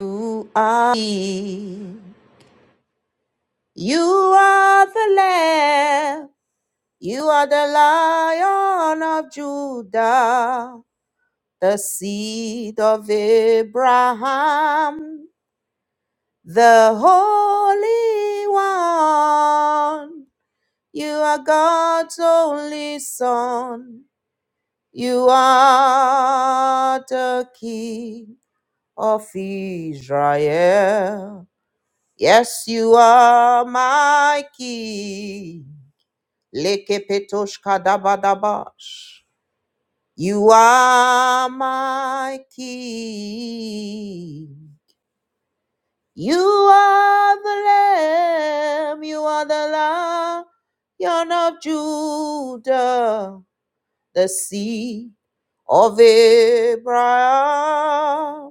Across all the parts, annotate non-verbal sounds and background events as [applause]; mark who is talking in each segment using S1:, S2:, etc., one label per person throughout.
S1: You are he. You are the Lamb. You are the Lion of Judah, the seed of Abraham, the Holy One. You are God's only Son. You are the King of Israel. Yes, you are my key. Lekepetoshka dabadabash. You are my king. You are the lamb. You are the lion of Judah, the seed of Abraham.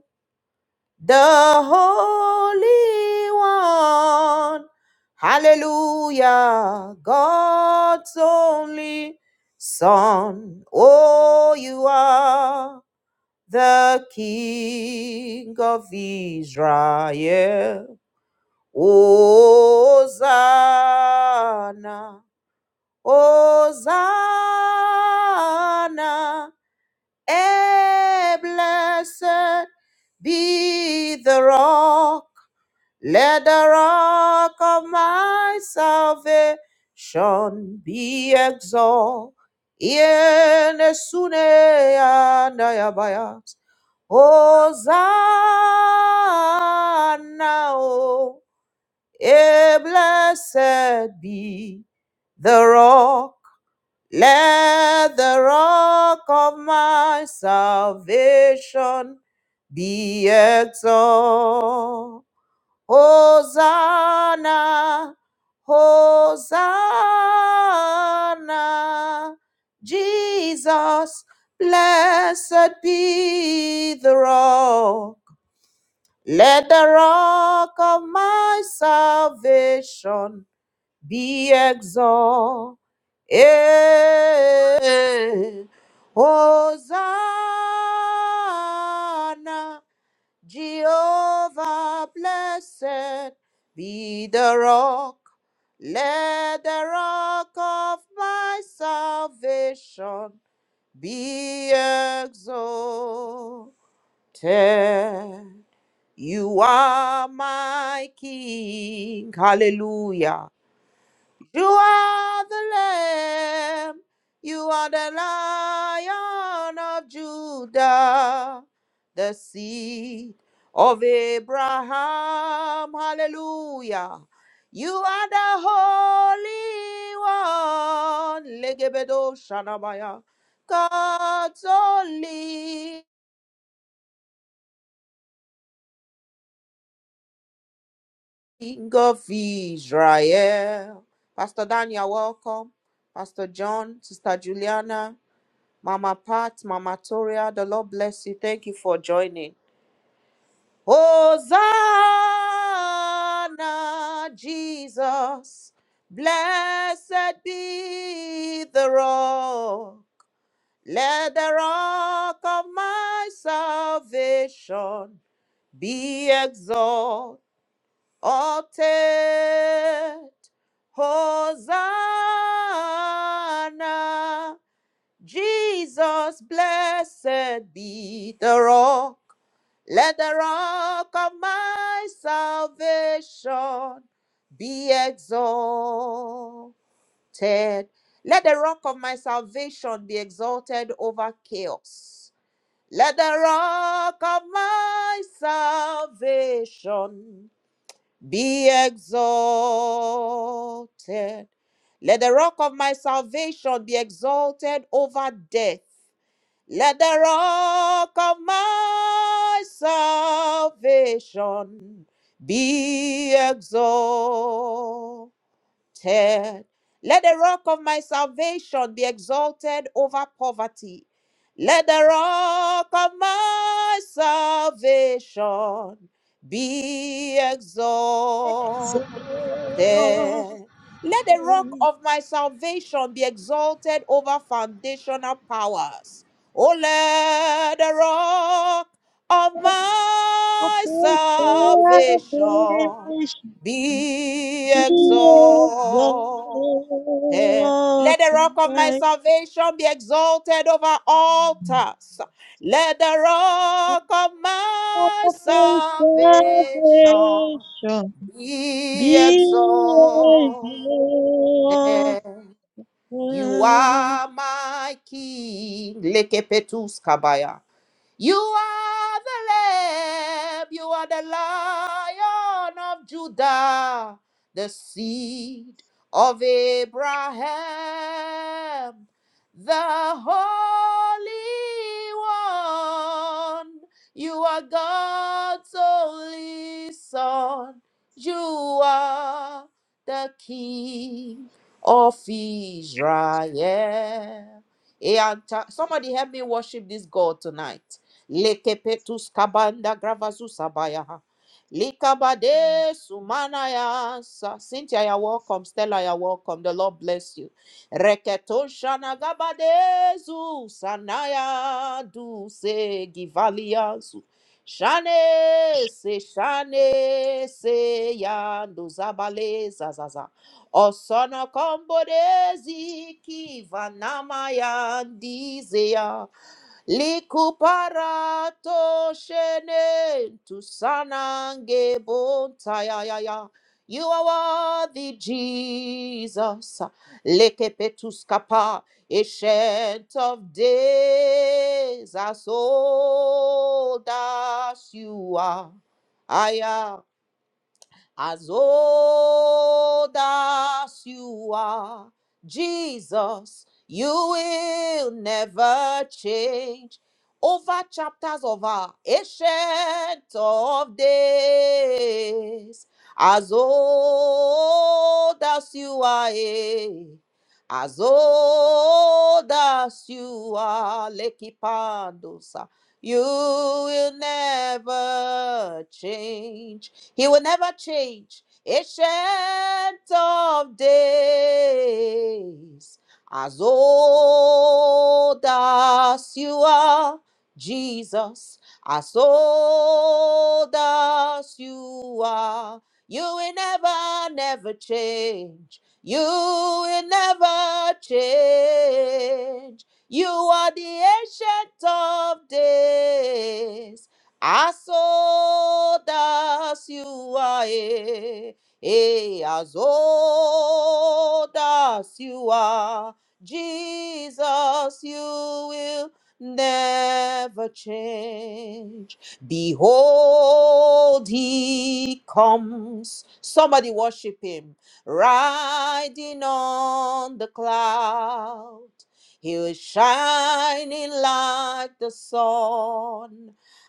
S1: the Holy One. Hallelujah, God's only Son. Oh, you are the King of Israel. Hosanna, Hosanna, eh, blessed be the rock let the rock of my salvation be exalted. Hosanna, oh, eh, blessed be the rock. Let the rock of my salvation be exalted. Hosanna, Hosanna, Jesus, blessed be the rock. Let the rock of my salvation be exalted. Hosanna, Jehovah, blessed be the rock. Let the rock of my salvation be exalted. You are my King. Hallelujah. You are the Lamb. You are the Lion of Judah, the seed of Abraham. Hallelujah. You are the Holy One. Legebedo Shanamaya. God's only King of Israel. Pastor Daniel, welcome. Pastor John, Sister Juliana. Mama Pat, Mama Toria, the Lord bless you. Thank you for joining. Hosanna, Jesus. Blessed be the rock. Let the rock of my salvation be exalted. Hosanna. Jesus, blessed be the rock. Let the rock of my salvation be exalted. Let the rock of my salvation be exalted over chaos. Let the rock of my salvation be exalted. Let the rock of my salvation be exalted over death. Let the rock of my salvation be exalted. Let the rock of my salvation be exalted over poverty. Let the rock of my salvation be
S2: Salvation
S1: exalted. Let the rock of my salvation be exalted over foundational powers. Oh, let the rock of my salvation be exalted. Let the rock of my salvation be exalted over altars. Let the rock of my salvation be
S2: be
S1: exalted.
S2: exalted.
S1: You are my king. Lekepetus kabaya. You are the Lamb, you are the Lion of Judah, the seed of Abraham, the Holy One. You are God's only Son. You are the King of Israel. Eh, and ta- Somebody help me worship this God tonight. Lekepetus kabanda gravasusabaya. Likabade sumanaya. sa- Cynthia, you're welcome. Stella, you're welcome. The Lord bless you. Reketoshana gabade zu sanaya du se givalia zu. Shane se shane se ya ndozabale zazaza. Osana kombodezi kivanamaya ndizea. Likuparato shene tusanange bontayayaya. You are worthy, Jesus. Lekepetuskapa, ancient of days, as old as you are. Aya as old as you are. Jesus, you will never change. Over chapters of our ancient of days, as old as you are, eh, as old as you are, Lekipandosa, you will never change he will never change. Ancient of days, as old as you are, Jesus, as old as you are, you will never, never change. You will never change. You are the ancient of days. Aso das you are, eh, aso das you are, Jesus, you will never change. Behold, he comes. Somebody worship him, riding on the cloud. He was shining like the sun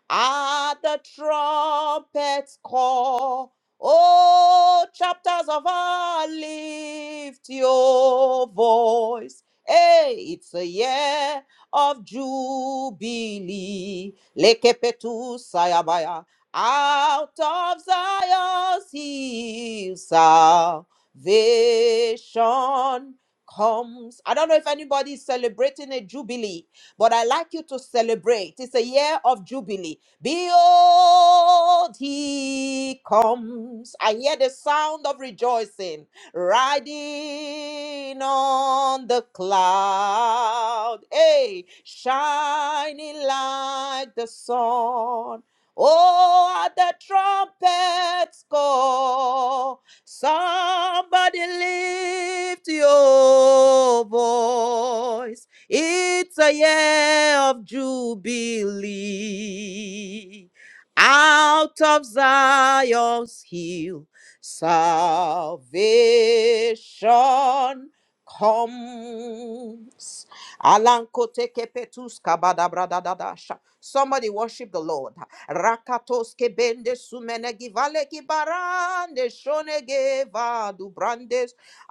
S1: at the trumpet's call, oh, chapters of our lift your voice. Hey, it's a year of jubilee. Lekepetu sayabaya. Out of Zion's hill, salvation comes. I don't know if anybody is celebrating a jubilee, but I like you to celebrate. It's a year of jubilee. Behold, he comes. I hear the sound of rejoicing, riding on the cloud. Hey, shining like the sun. Oh, at the trumpet's call, somebody lift your voice. It's a year of jubilee. Out of Zion's hill, salvation comes. Alankotekepetus kabadabradadadasha. Somebody worship the Lord. Rakatos kebende sumene givale gibarande shonege vadu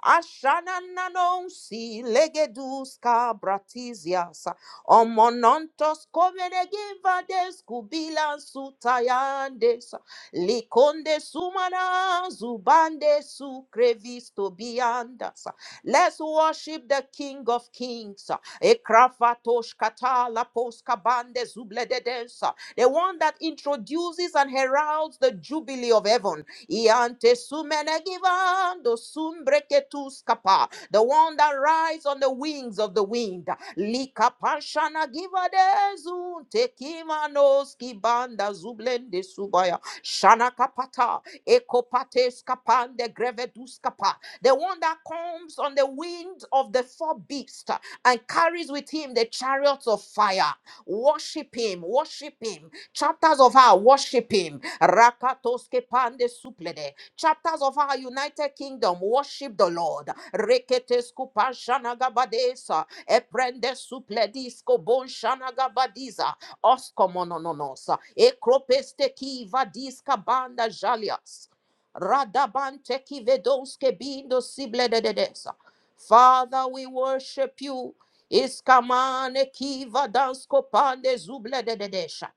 S1: Ashanananonsi legeduska bratizias. Omonontos koveregiva des kubila sutayandes. Likonde sumana zubande sukrevisto biandas. Let's worship the King of Kings. Ekrafatosh katala poska bande zublededensa. The one that introduces and heralds the jubilee of heaven. Iante sumenegivando sumbreketuskapa. The one that rides on the wings of the wind. Lika panshana givadezun tekimanoski banda zublende subaya. Shana kapata ekopates kapande greveduskapa. The one that comes on the wind of the four beasts and carries with him the chariots of fire. Worship him, worship him chapters of her worshiping rakatoske pande suplede chapters of our united kingdom worship the lord reketesku pashanagabadesa eprende supledisko bonshanagabadiza oskomonononosa ekropeste kiva diska banda jalias radabante kivedonske bindo sibledededesa father we worship you iskamane kiva dansko pande zubledededesha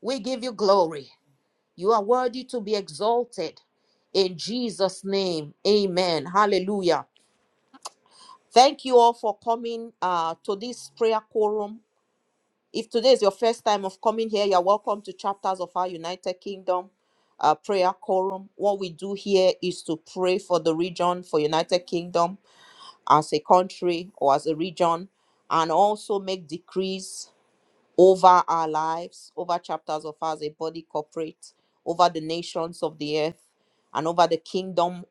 S1: we give you glory. You are worthy to be exalted. In Jesus' name, amen. Hallelujah. Thank you all for coming uh, to this prayer quorum. If today is your first time of coming here, you're welcome to Chapters of Our United Kingdom uh, Prayer Quorum. What we do here is to pray for the region, for United Kingdom as a country or as a region, and also make decrees over our lives, over chapters of us, a body corporate, over the nations of the earth, and over the kingdom,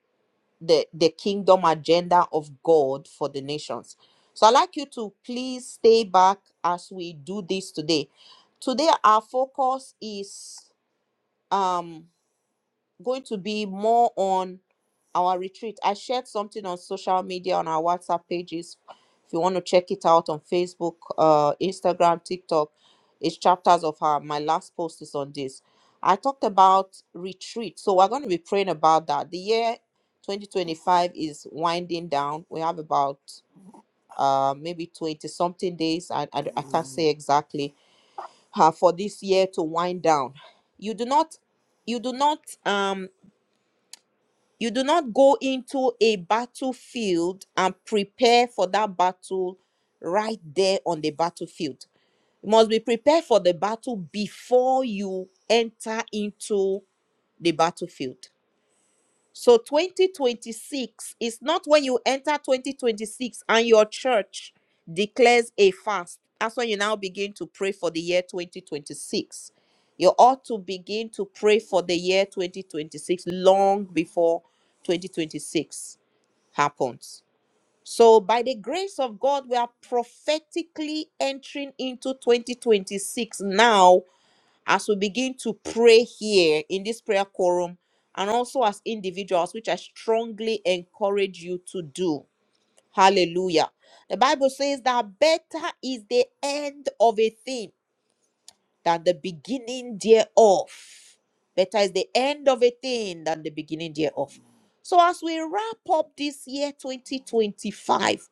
S1: the, the kingdom agenda of God for the nations. So I'd like you to please stay back as we do this today. Today our focus is um going to be more on our retreat. I shared something on social media on our WhatsApp pages. If you want to check it out on Facebook, uh, Instagram, TikTok, it's chapters of her. My last post is on this. I talked about retreat. So we're going to be praying about that. The year 2025 is winding down. We have about uh, maybe 20 something days. I, I, I can't say exactly uh, for this year to wind down. You do not, you do not, um. You do not go into a battlefield and prepare for that battle right there on the battlefield. You must be prepared for the battle before you enter into the battlefield. So 2026 is not when you enter 2026 and your church declares a fast. That's when you now begin to pray for the year 2026. You ought to begin to pray for the year 2026 long before 2026 happens. So, by the grace of God, we are prophetically entering into 2026 now as we begin to pray here in this prayer quorum and also as individuals, which I strongly encourage you to do. Hallelujah. The Bible says that better is the end of a thing than the beginning thereof. Better is the end of a thing than the beginning thereof. So, as we wrap up this year 2025,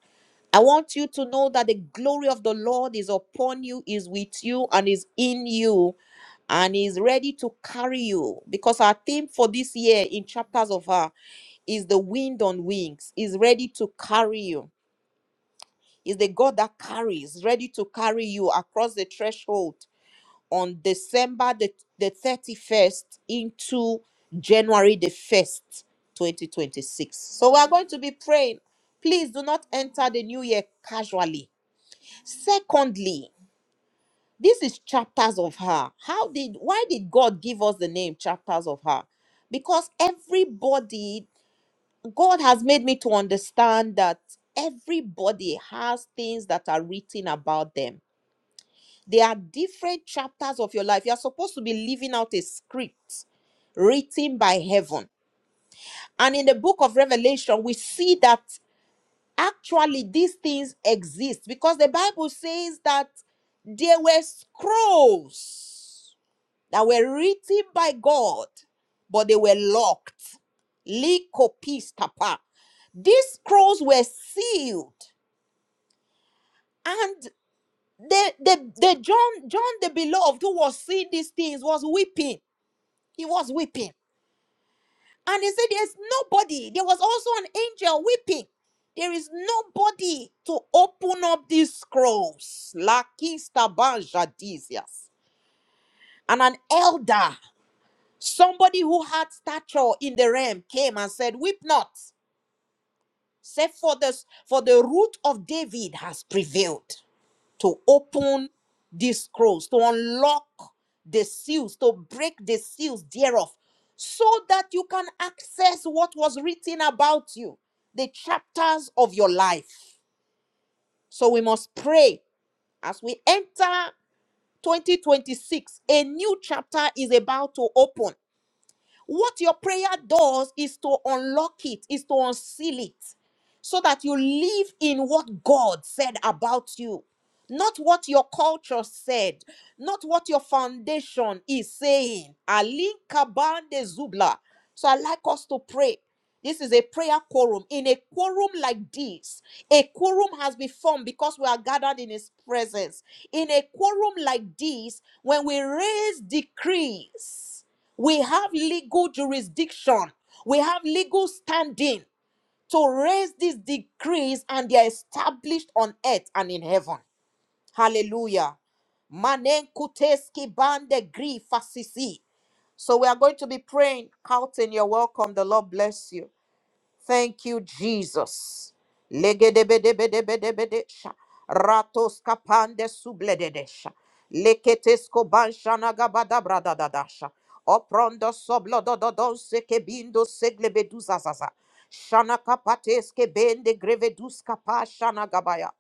S1: I want you to know that the glory of the Lord is upon you, is with you, and is in you, and is ready to carry you. Because our theme for this year in chapters of her is the wind on wings, is ready to carry you. Is the God that carries, ready to carry you across the threshold on December the, the 31st into January the 1st, 2026. So we are going to be praying. Please do not enter the new year casually Secondly, this is chapters of her. How did why did God give us the name chapters of her? Because everybody God has made me to understand that everybody has things that are written about them. They are different chapters of your life. You are supposed to be living out a script written by heaven. And in the book of Revelation, we see that Actually, these things exist because the Bible says that there were scrolls that were written by God, but they were locked. Lycopistapa. These scrolls were sealed, and the the, the John John the beloved who was seeing these things was weeping. He was weeping And they said, There's nobody. There was also an angel weeping. There is nobody to open up these scrolls. Lakista banjadisias. And an elder, somebody who had stature in the realm, came and said, Weep not, save for this, for the root of David has prevailed to open these scrolls, to unlock the seals, to break the seals thereof, so that you can access what was written about you, the chapters of your life. So we must pray as we enter 2026. A new chapter is about to open. What your prayer does is to unlock it, is to unseal it, so that you live in what God said about you, not what your culture said, not what your foundation is saying. Alinka bande zubla. So I like us to pray. This is a prayer quorum. In a quorum like this, a quorum has been formed because we are gathered in His presence. In a quorum like this, when we raise decrees, we have legal jurisdiction. We have legal standing to raise these decrees and they are established on earth and in heaven. Hallelujah. Manenkuteski bande gri fasisi. So we are going to be praying. Carlton, you're welcome. The Lord bless you. Thank you, Jesus. Legedebedebedebedebedesha. Ratos kapande sublededesha. Leketesko banshana gabada bradadadasha. Oprondo soblodododon sekebindo seglebeduzazaza. Shana kapateske bende grevedus kapa shana gabaya.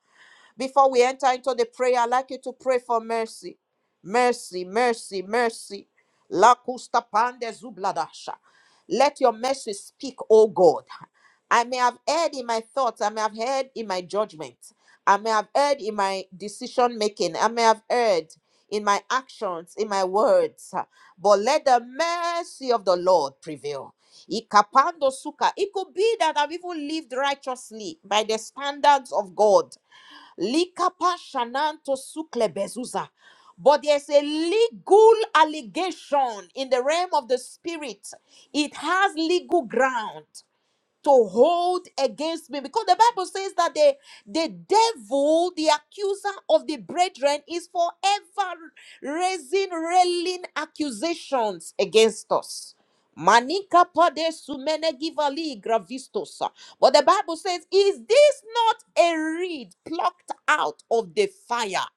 S1: Before we enter into the prayer, I'd like you to pray for mercy. Mercy, mercy, mercy. La custa pande zubladasha. Let your mercy speak, O God. I may have erred in my thoughts. I may have erred in my judgment. I may have erred in my decision making. I may have erred in my actions, in my words. But let the mercy of the Lord prevail. Ikapando suka. It could be that I've even lived righteously by the standards of God. Likapa shananto sukle bezuza. But there's a legal allegation in the realm of the spirit. It has legal ground to hold against me because the bible says that the the devil the accuser of the brethren is forever raising railing accusations against us manika pade sumene givali gravistosa but the bible says is this not a reed plucked out of the fire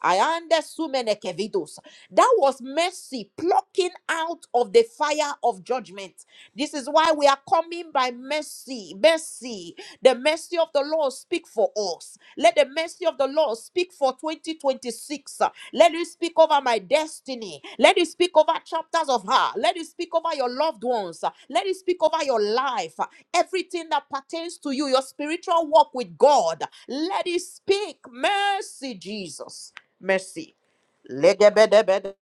S1: I understand kevidos. That was mercy plucking out of the fire of judgment. This is why we are coming by mercy. Mercy. The mercy of the Lord speak for us. Let the mercy of the Lord speak for 2026. Let it speak over my destiny. Let it speak over chapters of her. Let it speak over your loved ones. Let it speak over your life. Everything that pertains to you, your spiritual walk with God. Let it speak. Mercy, Jesus mercy. Legebedebede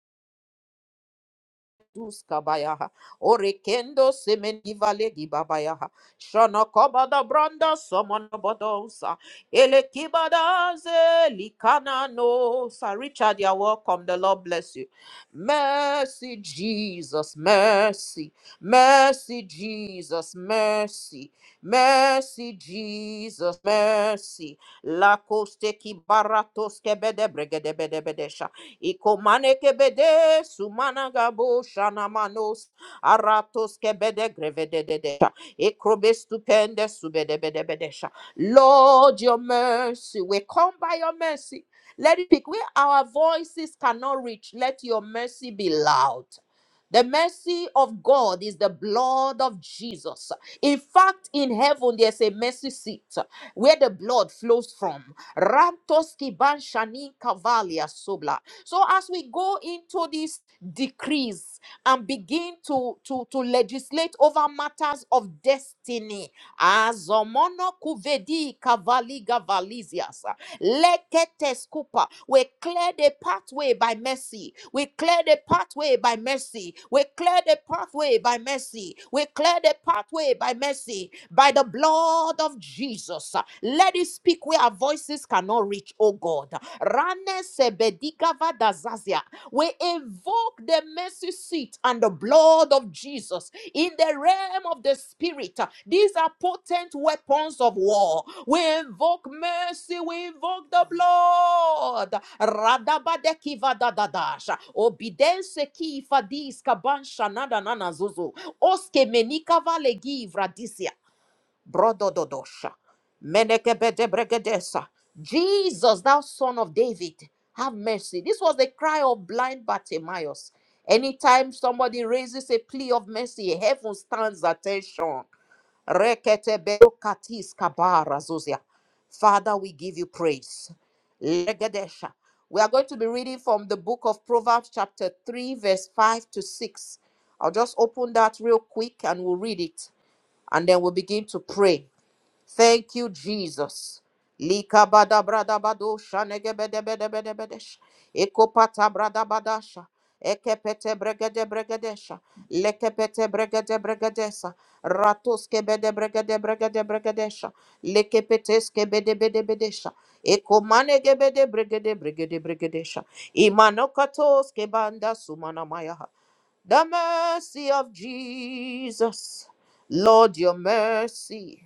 S1: duska bayaha. Orekendo semeniva legi babayaha. Shana kabada branda samana badonsa. Ele kibadaze likana no. Sir Richard, you're welcome. The Lord bless you. Mercy, Jesus, mercy. Mercy, Jesus, mercy. Mercy, Jesus, mercy. La coste ki baratos kebede bregede bede bedesha. Ikomane kebede sumana gabo shana manos aratos kebede grevede dedesha. Ekrobe stupende subede bede bedesha. Lord, your mercy, we come by your mercy. Let it be where our voices cannot reach. Let your mercy be loud. The mercy of God is the blood of Jesus. In fact, in heaven, there's a mercy seat where the blood flows from. Rantoski ban shanin kavalia sobla. So as we go into these decrees and begin to, to, to legislate over matters of destiny, azomono kuvedi kavaliga valizias, leketes kupa, we clear the pathway by mercy. We clear the pathway by mercy. We clear the pathway by mercy. We clear the pathway by mercy. By the blood of Jesus. Let it speak where our voices cannot reach, oh God. Rane sebedikava dazazia. We invoke the mercy seat and the blood of Jesus in the realm of the spirit. These are potent weapons of war. We invoke mercy, we invoke the blood. Radabadekiva dadadash. Obidense ki fadis kaban shanada nana zuzu. Oske menikava legi disia. Brodododosha. Menekebedebregedesa. Jesus, thou son of David, have mercy. This was the cry of blind Bartimaeus. Anytime somebody raises a plea of mercy, heaven stands attention. Reketebedokatis kabarazozia. Father, we give you praise. Legedesha. We are going to be reading from the book of Proverbs, chapter 3, verse 5 to 6. I'll just open that real quick and we'll read it and then we'll begin to pray. Thank you, Jesus. Lika bada brada bado shanege bede bede bede bedesh. Eko pata brada badasha. Eke pete bregede bregedesha. Leke pete bregede bregedesa. Ratoske bede bregede bregede bregedesha. Leke peteske bede bede bedesha. Eko manege bede bregede bregede bregedesha. Imanokatoske banda sumana mayaha. The mercy of Jesus. Lord, your mercy.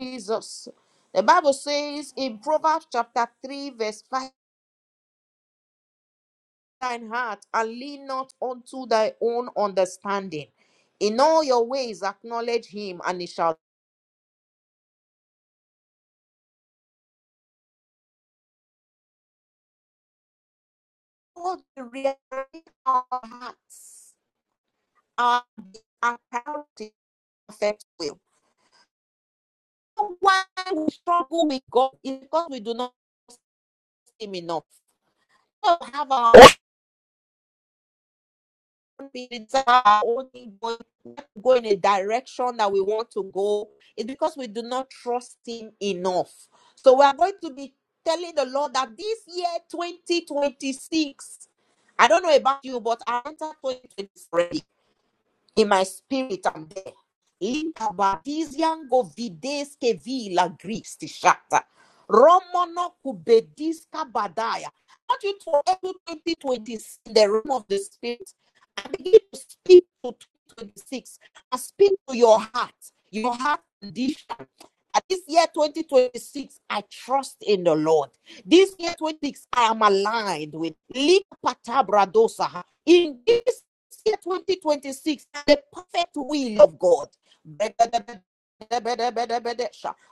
S1: Jesus. The Bible says in Proverbs chapter 3, verse 5, thine heart and lean not unto thy own understanding. In all your ways acknowledge him, and he shall God rearrange our hearts, our, our priority perfect will. Why we struggle with God is because we do not see him enough. We don't have our be resolve not go in a direction that we want to go, it's because we do not trust Him enough. So we are going to be telling the Lord that this year, 2026, I don't know about you, but I entered 2026 in my spirit, I'm there. Likabadiziango videske vila gristi shata. Romono kubediska badaya. I want you to enter 2026 in the realm of the spirit. I begin to speak to 2026. I speak to your heart, your heart condition. That This year 2026, I trust in the Lord. This year 26, I am aligned with Likpatabradosaha. In this year 2026, the perfect will of God.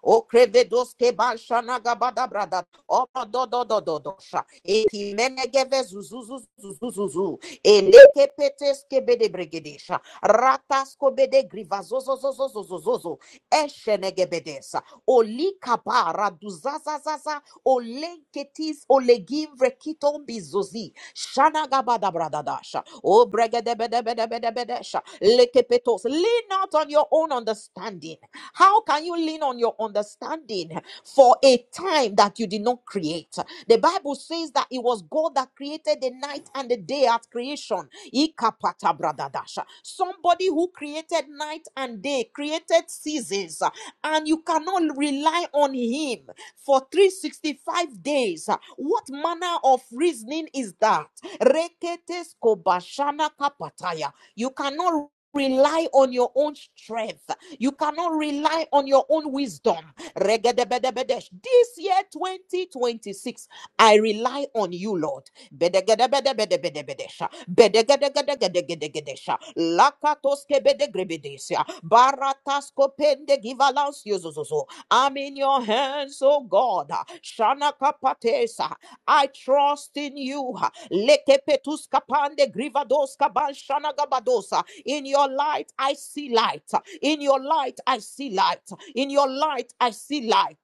S1: Oh, crevedos keban shanaga bada brada. Oh, do do do do do sha. Bedebedebedebedebedebedebedesha. Okrevedoske banshanagabadabrada. Opadododododosha. Ekimenegevezuzuzuzuzuzuzu. Elekepeteskebedebregedesha. Rataskobedegrivazozozozozozozozo. Eshenegebedesa. Olikabaraduzazazasa. Olenketis olegivrekitombizozi. Shanagabadabradadasha. Oh, bregedebedebedebedebedesha. Lekepetos. Lean not on your own understanding. How can you lean on your understanding for a time that you did not create? The Bible says that it was God that created the night and the day at creation. Ikapatabradadasha. Somebody who created night and day, created seasons, and you cannot rely on him for 365 days. What manner of reasoning is that? Reketes kobashana kapataya. You cannot rely on your own strength. You cannot rely on your own wisdom. Regedebedebede. This year 2026 I rely on you, Lord. Bedegedebedebedebedebedesha. Bedegedegedegedegedegedesha. Lakatoske bedegrebedesia. Baratasko pendegivalans yozozozo. I'm in your hands, oh God. Shana kapatesa. I trust in you. Lekepetuska pande grivadoska ban shana gabadosa. In your light, I see light. In your light, I see light. In your light, I see light.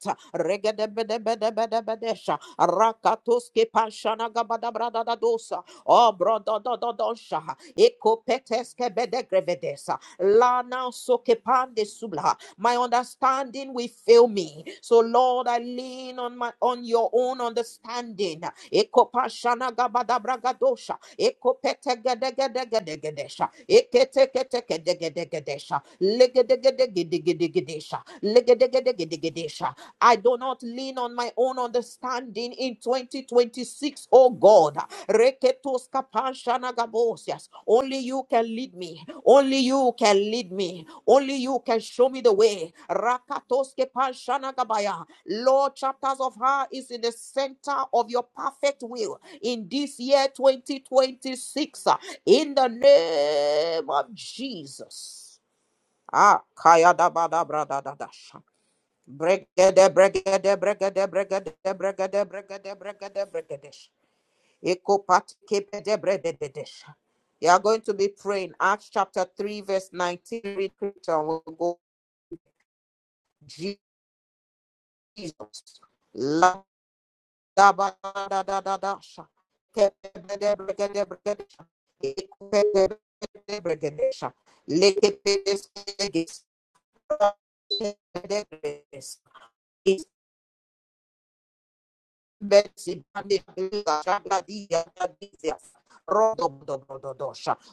S1: Rakatoske Panshana Gabadabra da dosa. Oh, brodo do do dosha. Eko peteske bedegrevedesa. Lana soke pande subla. My understanding will fail me. So Lord, I lean on my on your own understanding. Eko Panshana Gabadabra gadosha. Eko petegedegedegedesha. Eketeketekedegedegedesha. Legedegedegedegedegesha. Legedegedegedegesha. I do not lean on my own understanding in 2026, oh God. Reketos Kapanshana Gabosias. Only you can lead me. Only you can lead me. Only you can show me the way. Rakatos kepanshana Gabaya. Lord, chapters of her is in the center of your perfect will in this year 2026. uh, In the name of Jesus. Ah, kaya da ba da bra da da da Bregede, bregede, bregede, bregede, bregede, bregede, bregede, bregedesh. Ekopatikepede, bregedesh. You are going to be praying Acts chapter 3, verse 19. Read scripture and we'll go. Jesus. La da ba da da da da sha. Kepede, bregede, bregedesh. Ekopede, bregede, bregedesh. Lekepedes, bregedes. Kepede, bregedes. Mercy, Bande, Shabladia, Badizias. Rodo,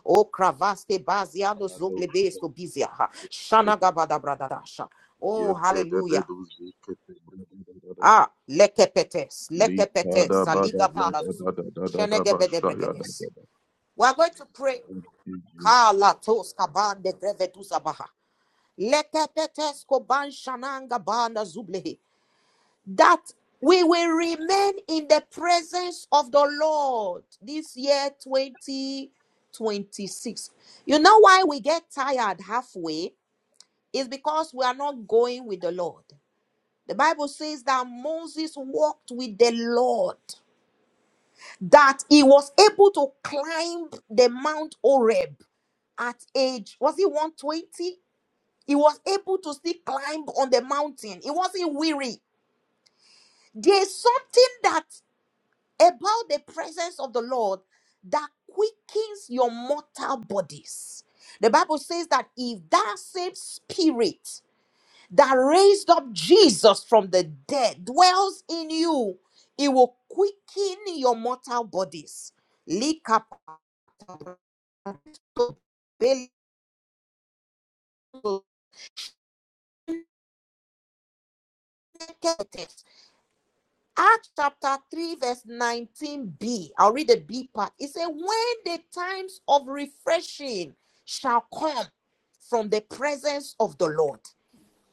S1: O Cravaste, Baziano,
S3: Ya
S1: Zoglebesto, Biziaha. Shana, Bradadasha. Oh,
S3: keda
S1: hallelujah.
S3: beduzi keda
S1: Ah, lekepetes,
S3: li ba
S1: lekepetes,
S3: da ba da
S1: saliga
S3: ba
S1: balas,
S3: da da da da ba
S1: shenegebede
S3: shayda
S1: bregedes. We are going to pray. Kala tos kabande grevetus abaha. Lekepetes koban shananga bana zublehe. that we will remain in the presence of the Lord this year 2026. You know why we get tired halfway? Is because we are not going with the Lord. The Bible says that Moses walked with the Lord, that he was able to climb the Mount Oreb at age, was he 120? He was able to still climb on the mountain. He wasn't weary. There's something that about the presence of the Lord that quickens your mortal bodies. The Bible says that if that same spirit that raised up Jesus from the dead dwells in you, it will quicken your mortal bodies. Acts chapter 3, verse 19b. I'll read the B part. It says, When the times of refreshing shall come from the presence of the Lord.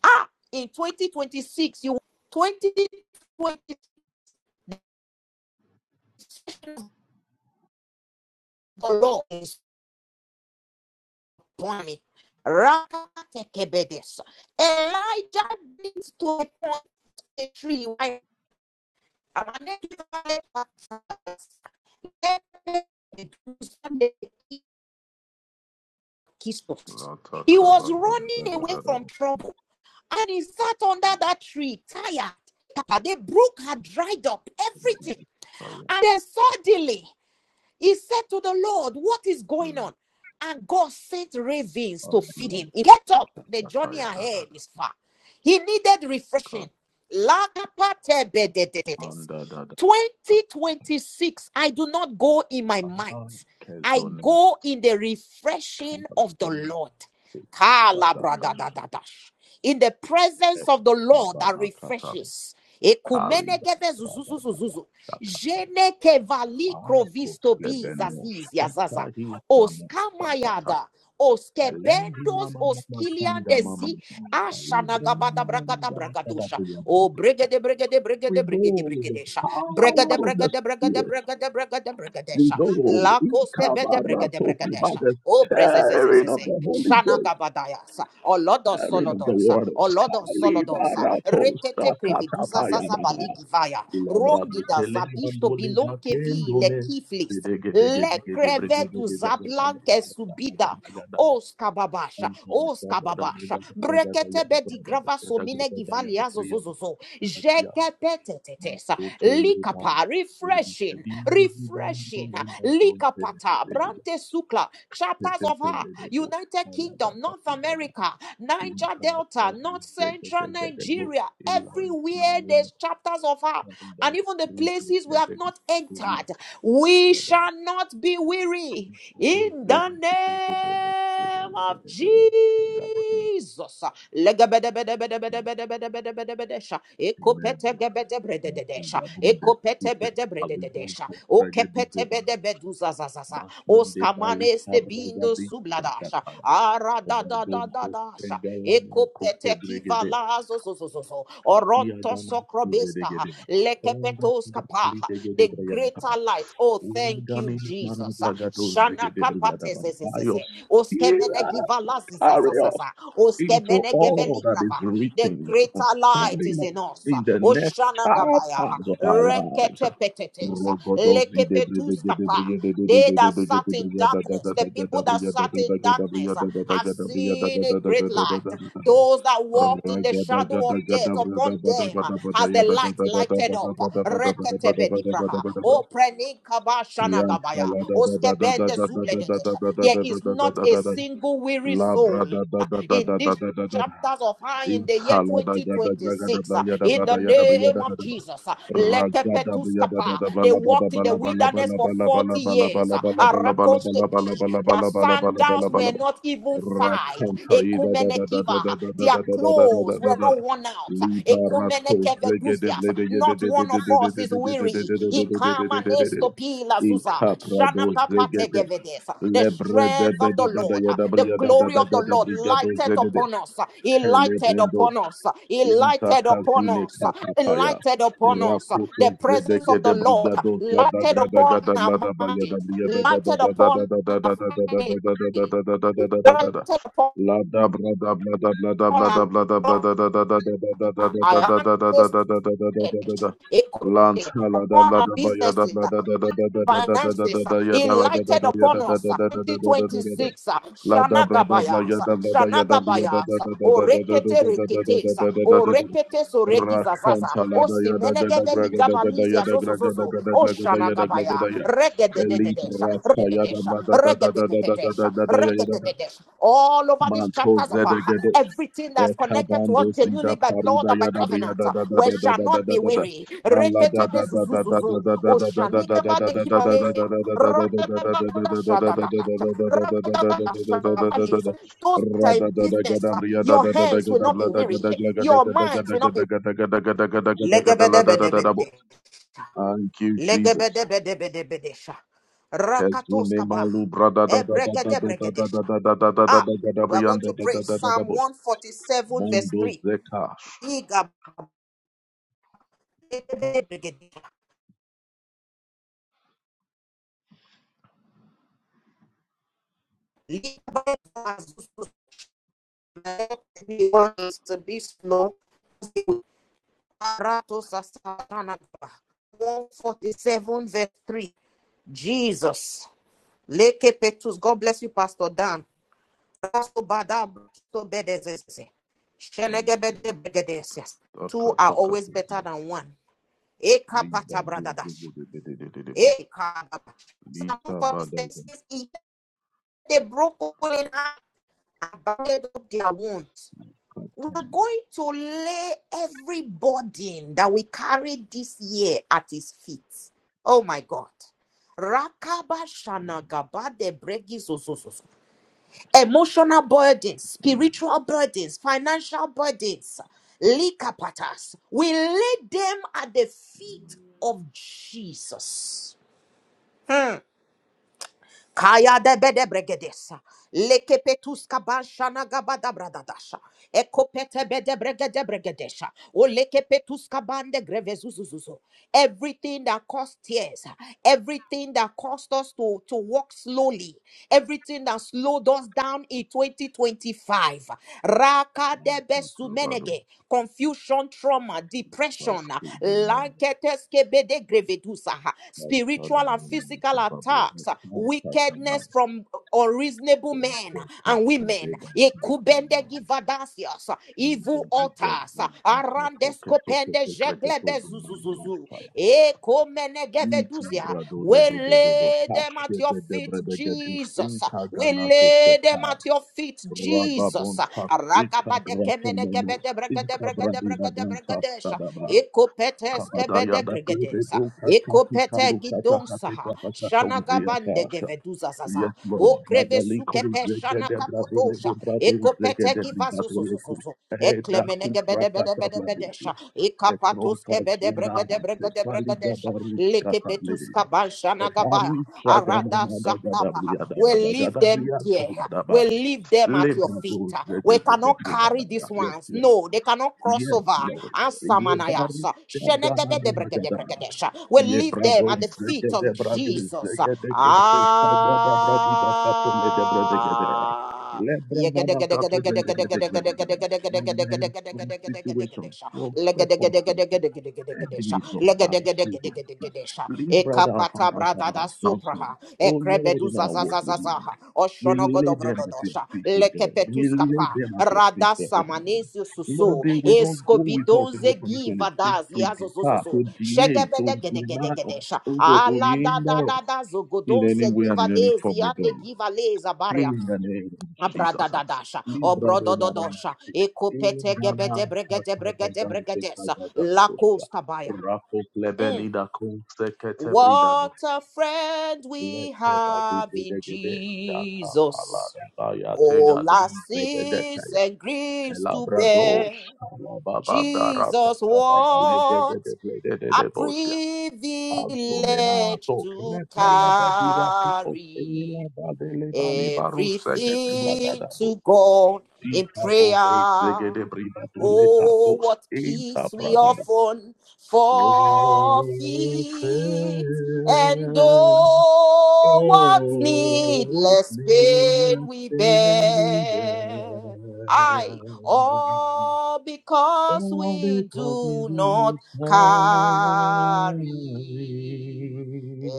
S1: Ah, in 2026, you 2026 of the Lord is upon Rakatekebedes. Elijah brings to a point a tree. Why? I'm Jesus.
S3: la ta
S1: He
S3: kab
S1: was
S3: ba da da
S1: running
S3: da
S1: away
S3: da ba
S1: from trouble and he sat under that tree, tired. The brook had dried up, everything.
S3: shayda
S1: And then suddenly, he said to the Lord, What is going on? And God sent ravens to feed him. He get up. The journey ahead is far. He needed refreshing.
S3: kab anda da da
S1: 2026, I do not go in my might. I
S3: kezona
S1: go in the refreshing of the
S3: kabona
S1: Lord.
S3: ba da kash
S1: In the presence of the Lord that
S3: kabna katan
S1: refreshes.
S3: kali ba da ba ba shayda.
S1: Jene kevali
S3: Anko
S1: krovisto bi
S3: Slebeno
S1: zaziz yazaza.
S3: Shata Hita Mokata
S1: Oskamayada.
S3: Elendi
S1: Oskebendos
S3: Mama Mama Kanda Mama
S1: oskiliandezi
S3: mama. Alibra
S1: ashanagabada
S3: Mama Mama
S1: bragada
S3: Gada Gada
S1: bragadosha.
S3: Gada
S1: O brigade brigade
S3: We
S1: brigade brigade
S3: go with the
S1: brigadesha.
S3: power
S1: Brigade
S3: of the
S1: brigade brigade
S3: Spirit.
S1: brigade brigade
S3: We
S1: brigadesha.
S3: go
S1: La coste bede brigade
S3: Ikabarato Kuba
S1: brigadesha.
S3: the
S1: O
S3: tearing of
S1: brezezezezeze.
S3: the Holy Ghost,
S1: Shanagabadayasa. O lodo
S3: tearing of the
S1: solodosa. O
S3: waters.
S1: lodo solodosa.
S3: Kalibarato
S1: Rekete kreveduza zaza
S3: Shakata
S1: baligi
S3: Labradi
S1: rongida
S3: kele
S1: zabisto
S3: mandoli
S1: bilonke vi
S3: bakendo
S1: le
S3: me.
S1: kiflis.
S3: Dege dege
S1: Le
S3: dege de brege
S1: creve
S3: de
S1: du
S3: ba da da da
S1: zablanke
S3: da da
S1: subida.
S3: da da da.
S1: Oskababasha,
S3: Anta na da da da da
S1: oskababasha,
S3: da da da da ya da
S1: breketebe
S3: da
S1: di
S3: da
S1: grava
S3: da da da
S1: somine
S3: da da ya da
S1: givalia
S3: priya da
S1: zozozozo,
S3: da da ya. Ma
S1: jekepetetetesa,
S3: oto le ba.
S1: likapa,
S3: We di se
S1: refreshing,
S3: di di di ba no
S1: refreshing,
S3: me na kon te le te
S1: likapata,
S3: le da.
S1: brante sukla,
S3: Te
S1: chapters
S3: te
S1: of
S3: te
S1: her,
S3: le do bo.
S1: United
S3: Kala da
S1: Kingdom,
S3: ka
S1: North
S3: di da da.
S1: America,
S3: Li
S1: Niger
S3: ka la
S1: Delta,
S3: pra di
S1: North
S3: zege
S1: Central
S3: dege de bo.
S1: Nigeria,
S3: Ilan na
S1: everywhere
S3: me na
S1: there's chapters of her,
S3: ka di da.
S1: and even the
S3: Rufu
S1: places we
S3: le
S1: have
S3: dege.
S1: not entered, we
S3: Dabu
S1: shall not not be weary in the name of Jesus. Legabedebedebedebedebedebedebedebedesha. Ekopetegebedebredededesha.
S3: desh ke aligand
S1: Ekopetebedebredededesha.
S3: ko tragedy se ban
S1: Okepetebedebeduzazazaza.
S3: gaye bande bali sabra
S1: Oskamanestebindo
S3: jadi chanda
S1: subladasha.
S3: tha. Aur don ko
S1: Aradadadadadasha.
S3: tengalla mein khud se
S1: Ekopete
S3: grege de
S1: kivalazo zo zo zo zo.
S3: khadiya
S1: Oronto
S3: gaya,
S1: socrobista
S3: udege de, honga kuchhali dege de
S1: the
S3: prayam tha.
S1: greater light. Oh, thank you,
S3: Ugaane manat
S1: Jesus.
S3: lagato grege
S1: Shana
S3: de bhi jata
S1: kapate
S3: banayos.
S1: zezezeze. Oskemene givala
S3: carry us
S1: zizazazaza.
S3: into
S1: Oskemene
S3: all
S1: geveli
S3: that is
S1: grava. The
S3: written
S1: greater light
S3: concerning
S1: is
S3: us
S1: in us.
S3: in the next
S1: Oshana gabaya.
S3: chapters of our lives.
S1: Renkete petetes. Lekepetus kapa. They that sat in darkness, the people that sat in darkness uh, have seen a great light. Those that walked in the shadow of death, upon them uh, has the light lighted up. O
S3: Rogada
S1: There is not a single weary
S3: La
S1: soul
S3: brada da
S1: uh,
S3: da da
S1: in
S3: da da
S1: this
S3: da da da.
S1: chapters of high in the year 2026 uh, in the name of Jesus. uh, They walked in the wilderness for 40 years. uh, Arakostepi. Their sandals were not even fired. Ekumenekiva. Their clothes were not worn out. Ekumenekevedusias. Not one of us is weary. Ikamanestopila zuza. Shanakapategevedesa. The
S3: Lebre de
S1: strength of the
S3: bede bede
S1: Lord, uh,
S3: yada bada
S1: the
S3: yada bada
S1: glory of
S3: yada
S1: the Lord
S3: brigado
S1: lighted
S3: zede
S1: upon us. uh, He lighted upon us. uh, He lighted upon us. uh, He lighted upon us. uh, The presence of the Lord uh, lighted upon our minds, lighted upon our families, lighted upon our our ancestors, equipped on our businesses. finances uh, he lighted upon us uh, 2026 uh,
S3: La da bra da bla ya
S1: shanagabayas uh,
S3: da bla da ya da bla ya da da
S1: shanagabayas uh,
S3: da da da da da
S1: orekete
S3: da da
S1: reketes uh,
S3: da da da da da da da da
S1: oreketes oregizazaza
S3: Rakanta la
S1: o
S3: da ya da da da
S1: simenegede
S3: gra da da da da ya
S1: ligabalizia
S3: da gra da da
S1: zozozozo
S3: da da
S1: o
S3: gra da da ya da gra da da
S1: shanagabaya
S3: ya. Elite
S1: regededededesha
S3: rata ya da
S1: regedededesha
S3: bla
S1: regededesha
S3: da da da da da da da da
S1: regedededesha
S3: da da ya ya da da.
S1: regedededesha all over
S3: Thank
S1: these chapters of her. Everything that's connected to us genuinely by blood or by covenant, uh, we shall not be weary. Rekete bezuzuzuzu. Oshanika bale gibale. Radadadada shadada. Radadadada shadabalis. Those that are in business, uh, your hands will not be weary. Your minds will not be Legebedebedebede.
S3: you, Jesus.
S1: Legebedebedebedebedesha. Rakatoskaba. Ebregedebregedesha. Ah, we are going to pray Psalm 147, verse
S3: Mondo
S1: 3.
S3: Zeka.
S1: Liga bregede, liga bede azuzu zayote, wansu bisno, arato sasarana. 147, verse 3. Jesus. Leke Petrus. God bless you, Pastor Dan. Pastor Bada, Pastor Bedezese. Shenege
S3: Okay.
S1: Bede Bedezese. Two
S3: Taka
S1: are
S3: taka
S1: always
S3: taka.
S1: better than one. Eka
S3: Liba
S1: Pata
S3: doze
S1: Bradadash.
S3: gede gede gede gede bo.
S1: Eh, caramba. Psalm
S3: Lita bada
S1: 46
S3: gede
S1: says, He they broke all in and bounded up their wounds.
S3: kata.
S1: We're going to lay every burden that we carry this year at His feet. Oh my God. Rakaba shanagaba de bregi so so so so. Emotional burdens,
S3: Mm.
S1: spiritual burdens, financial burdens, likapatas. We lay them at the feet of Jesus. Hmm. Kaya de bede bregedesa. Leke petuska banshana gabada bradadasha. Eko pete bede bregede bregedesha. O leke petuska bande grevezuzuzuzu. Everything that caused tears, everything that caused us to, to walk slowly, everything that slowed us down in 2025. Raka debe
S3: Bado.
S1: sumenege, confusion, trauma, depression,
S3: Basko dena.
S1: lanketeskebede grevedusa,
S3: Kai kada
S1: spiritual and
S3: na na na
S1: physical
S3: ta babo.
S1: attacks,
S3: taka kata na.
S1: wickedness from unreasonable men
S3: Enko
S1: and
S3: kasi
S1: women,
S3: deda kai
S1: ekubende
S3: kona.
S1: givadasias,
S3: Endo
S1: evil
S3: gida
S1: altars,
S3: buzi kato keto
S1: arandeskopende
S3: keto kreketo zona na na
S1: jeglebezuzuzuzu,
S3: shaya. Ita brado
S1: we
S3: do do do do do.
S1: lay them
S3: Kashe
S1: at your
S3: de de
S1: feet,
S3: brede gedu
S1: Jesus.
S3: stinka
S1: We
S3: gana so
S1: lay them
S3: sepa.
S1: at your feet, Jesus.
S3: Rababontak, Ikabratomenos, Ikabradina Dantas
S1: Ragabadekemenegebedebragadebregadebregadebregadesha.
S3: Kadaba, Kabadayada to the
S1: Ekopeteskebedebrigadesa.
S3: Okatati Kalukata
S1: Ekopetegidonsa.
S3: Hatika Pasatomviatasha. Yes,
S1: Shanagabandegeveduzazasa.
S3: Lord. Madaliko
S1: Okrebesukepe
S3: zegede bradole de
S1: shanakapotosha.
S3: brado zegede brigado ku.
S1: Ekopetegivazozozozos.
S3: Heda kufrata tabladosia.
S1: Eklemenegebedebedebedebedesha. Rabatos
S3: Ekronta
S1: kebede
S3: zuna
S1: bregede bregede
S3: sekali
S1: bregedesha.
S3: gabarus
S1: Lekepetus
S3: katablede.
S1: kabanshanagabaya.
S3: Ebari
S1: Arada
S3: kagana da
S1: saklabaha.
S3: gadabria da
S1: We
S3: da
S1: leave them
S3: gadabria
S1: there.
S3: talada ba.
S1: We leave them at your
S3: Lebra
S1: feet.
S3: do
S1: We
S3: zegede
S1: cannot
S3: brigada
S1: carry
S3: da.
S1: these
S3: Yes,
S1: ones. No,
S3: Lord.
S1: they cannot cross
S3: Yes,
S1: over.
S3: Lord.
S1: And
S3: Ye baru
S1: Samanayasa. Shenegede de
S3: jaga
S1: bregede
S3: jaga.
S1: bregedesha. We
S3: Ye
S1: leave
S3: brado
S1: them at the
S3: zege
S1: feet
S3: de
S1: of
S3: brado
S1: Jesus.
S3: zege de kote sabra da bradi da kato le de brede
S1: Ah.
S3: gede. Le brema na kato brede gede gede gede. From men, from situations, from circumstances, enemies of our presence. Lead brother of
S1: Ekapata
S3: an alpha
S1: brada da
S3: announcement.
S1: supraha,
S3: Oh Lord, in
S1: ekrebeduza
S3: our work with you.
S1: zazazazaha,
S3: We
S1: oshono
S3: lay them at your
S1: godobrododosha,
S3: feet, O God. We lay
S1: lekepetuskapa,
S3: them at your
S1: rada
S3: feet, O God.
S1: samanesi
S3: Lord,
S1: susu,
S3: they will not go with us in
S1: escobidoze giva
S3: 2026
S1: das,
S3: to defer,
S1: yazozozozo,
S3: to delay, to deny or
S1: shegebedegedegedesha,
S3: struggle, to
S1: ala da da
S3: hinder us
S1: da da
S3: in any
S1: zogodonse
S3: way
S1: giva
S3: and in any
S1: des,
S3: form with
S1: yane
S3: God.
S1: giva leza
S3: In
S1: baria,
S3: the name of Jesus.
S1: Abradadadasha,
S3: Libra do Maranatha.
S1: Obrodododosha,
S3: In
S1: Ekopete
S3: the name
S1: gebede
S3: of
S1: bregede bregede
S3: Katadadam,
S1: bregedesa, Lakostabaya. Mm. What a friend we have in Jesus. All our sins and griefs to
S3: Labrados,
S1: bear. Jesus, what a
S3: Lababandarabagabalegedebledededosia.
S1: privilege
S3: Azumenato,
S1: to
S3: crepelebediracoto,
S1: carry everything to
S3: elabadelebalibarasegedebragadabosia.
S1: God in prayer. Oh,
S3: Ikabodezegedebridadolitacos,
S1: what peace we
S3: intabradada.
S1: often
S3: Oh,
S1: forfeit,
S3: fair,
S1: and oh, what
S3: oh, what
S1: needless
S3: may I
S1: pain we
S3: stand
S1: bear. I,
S3: there?
S1: all because
S3: All
S1: we
S3: because you
S1: do
S3: do
S1: not
S3: it my
S1: carry
S3: way.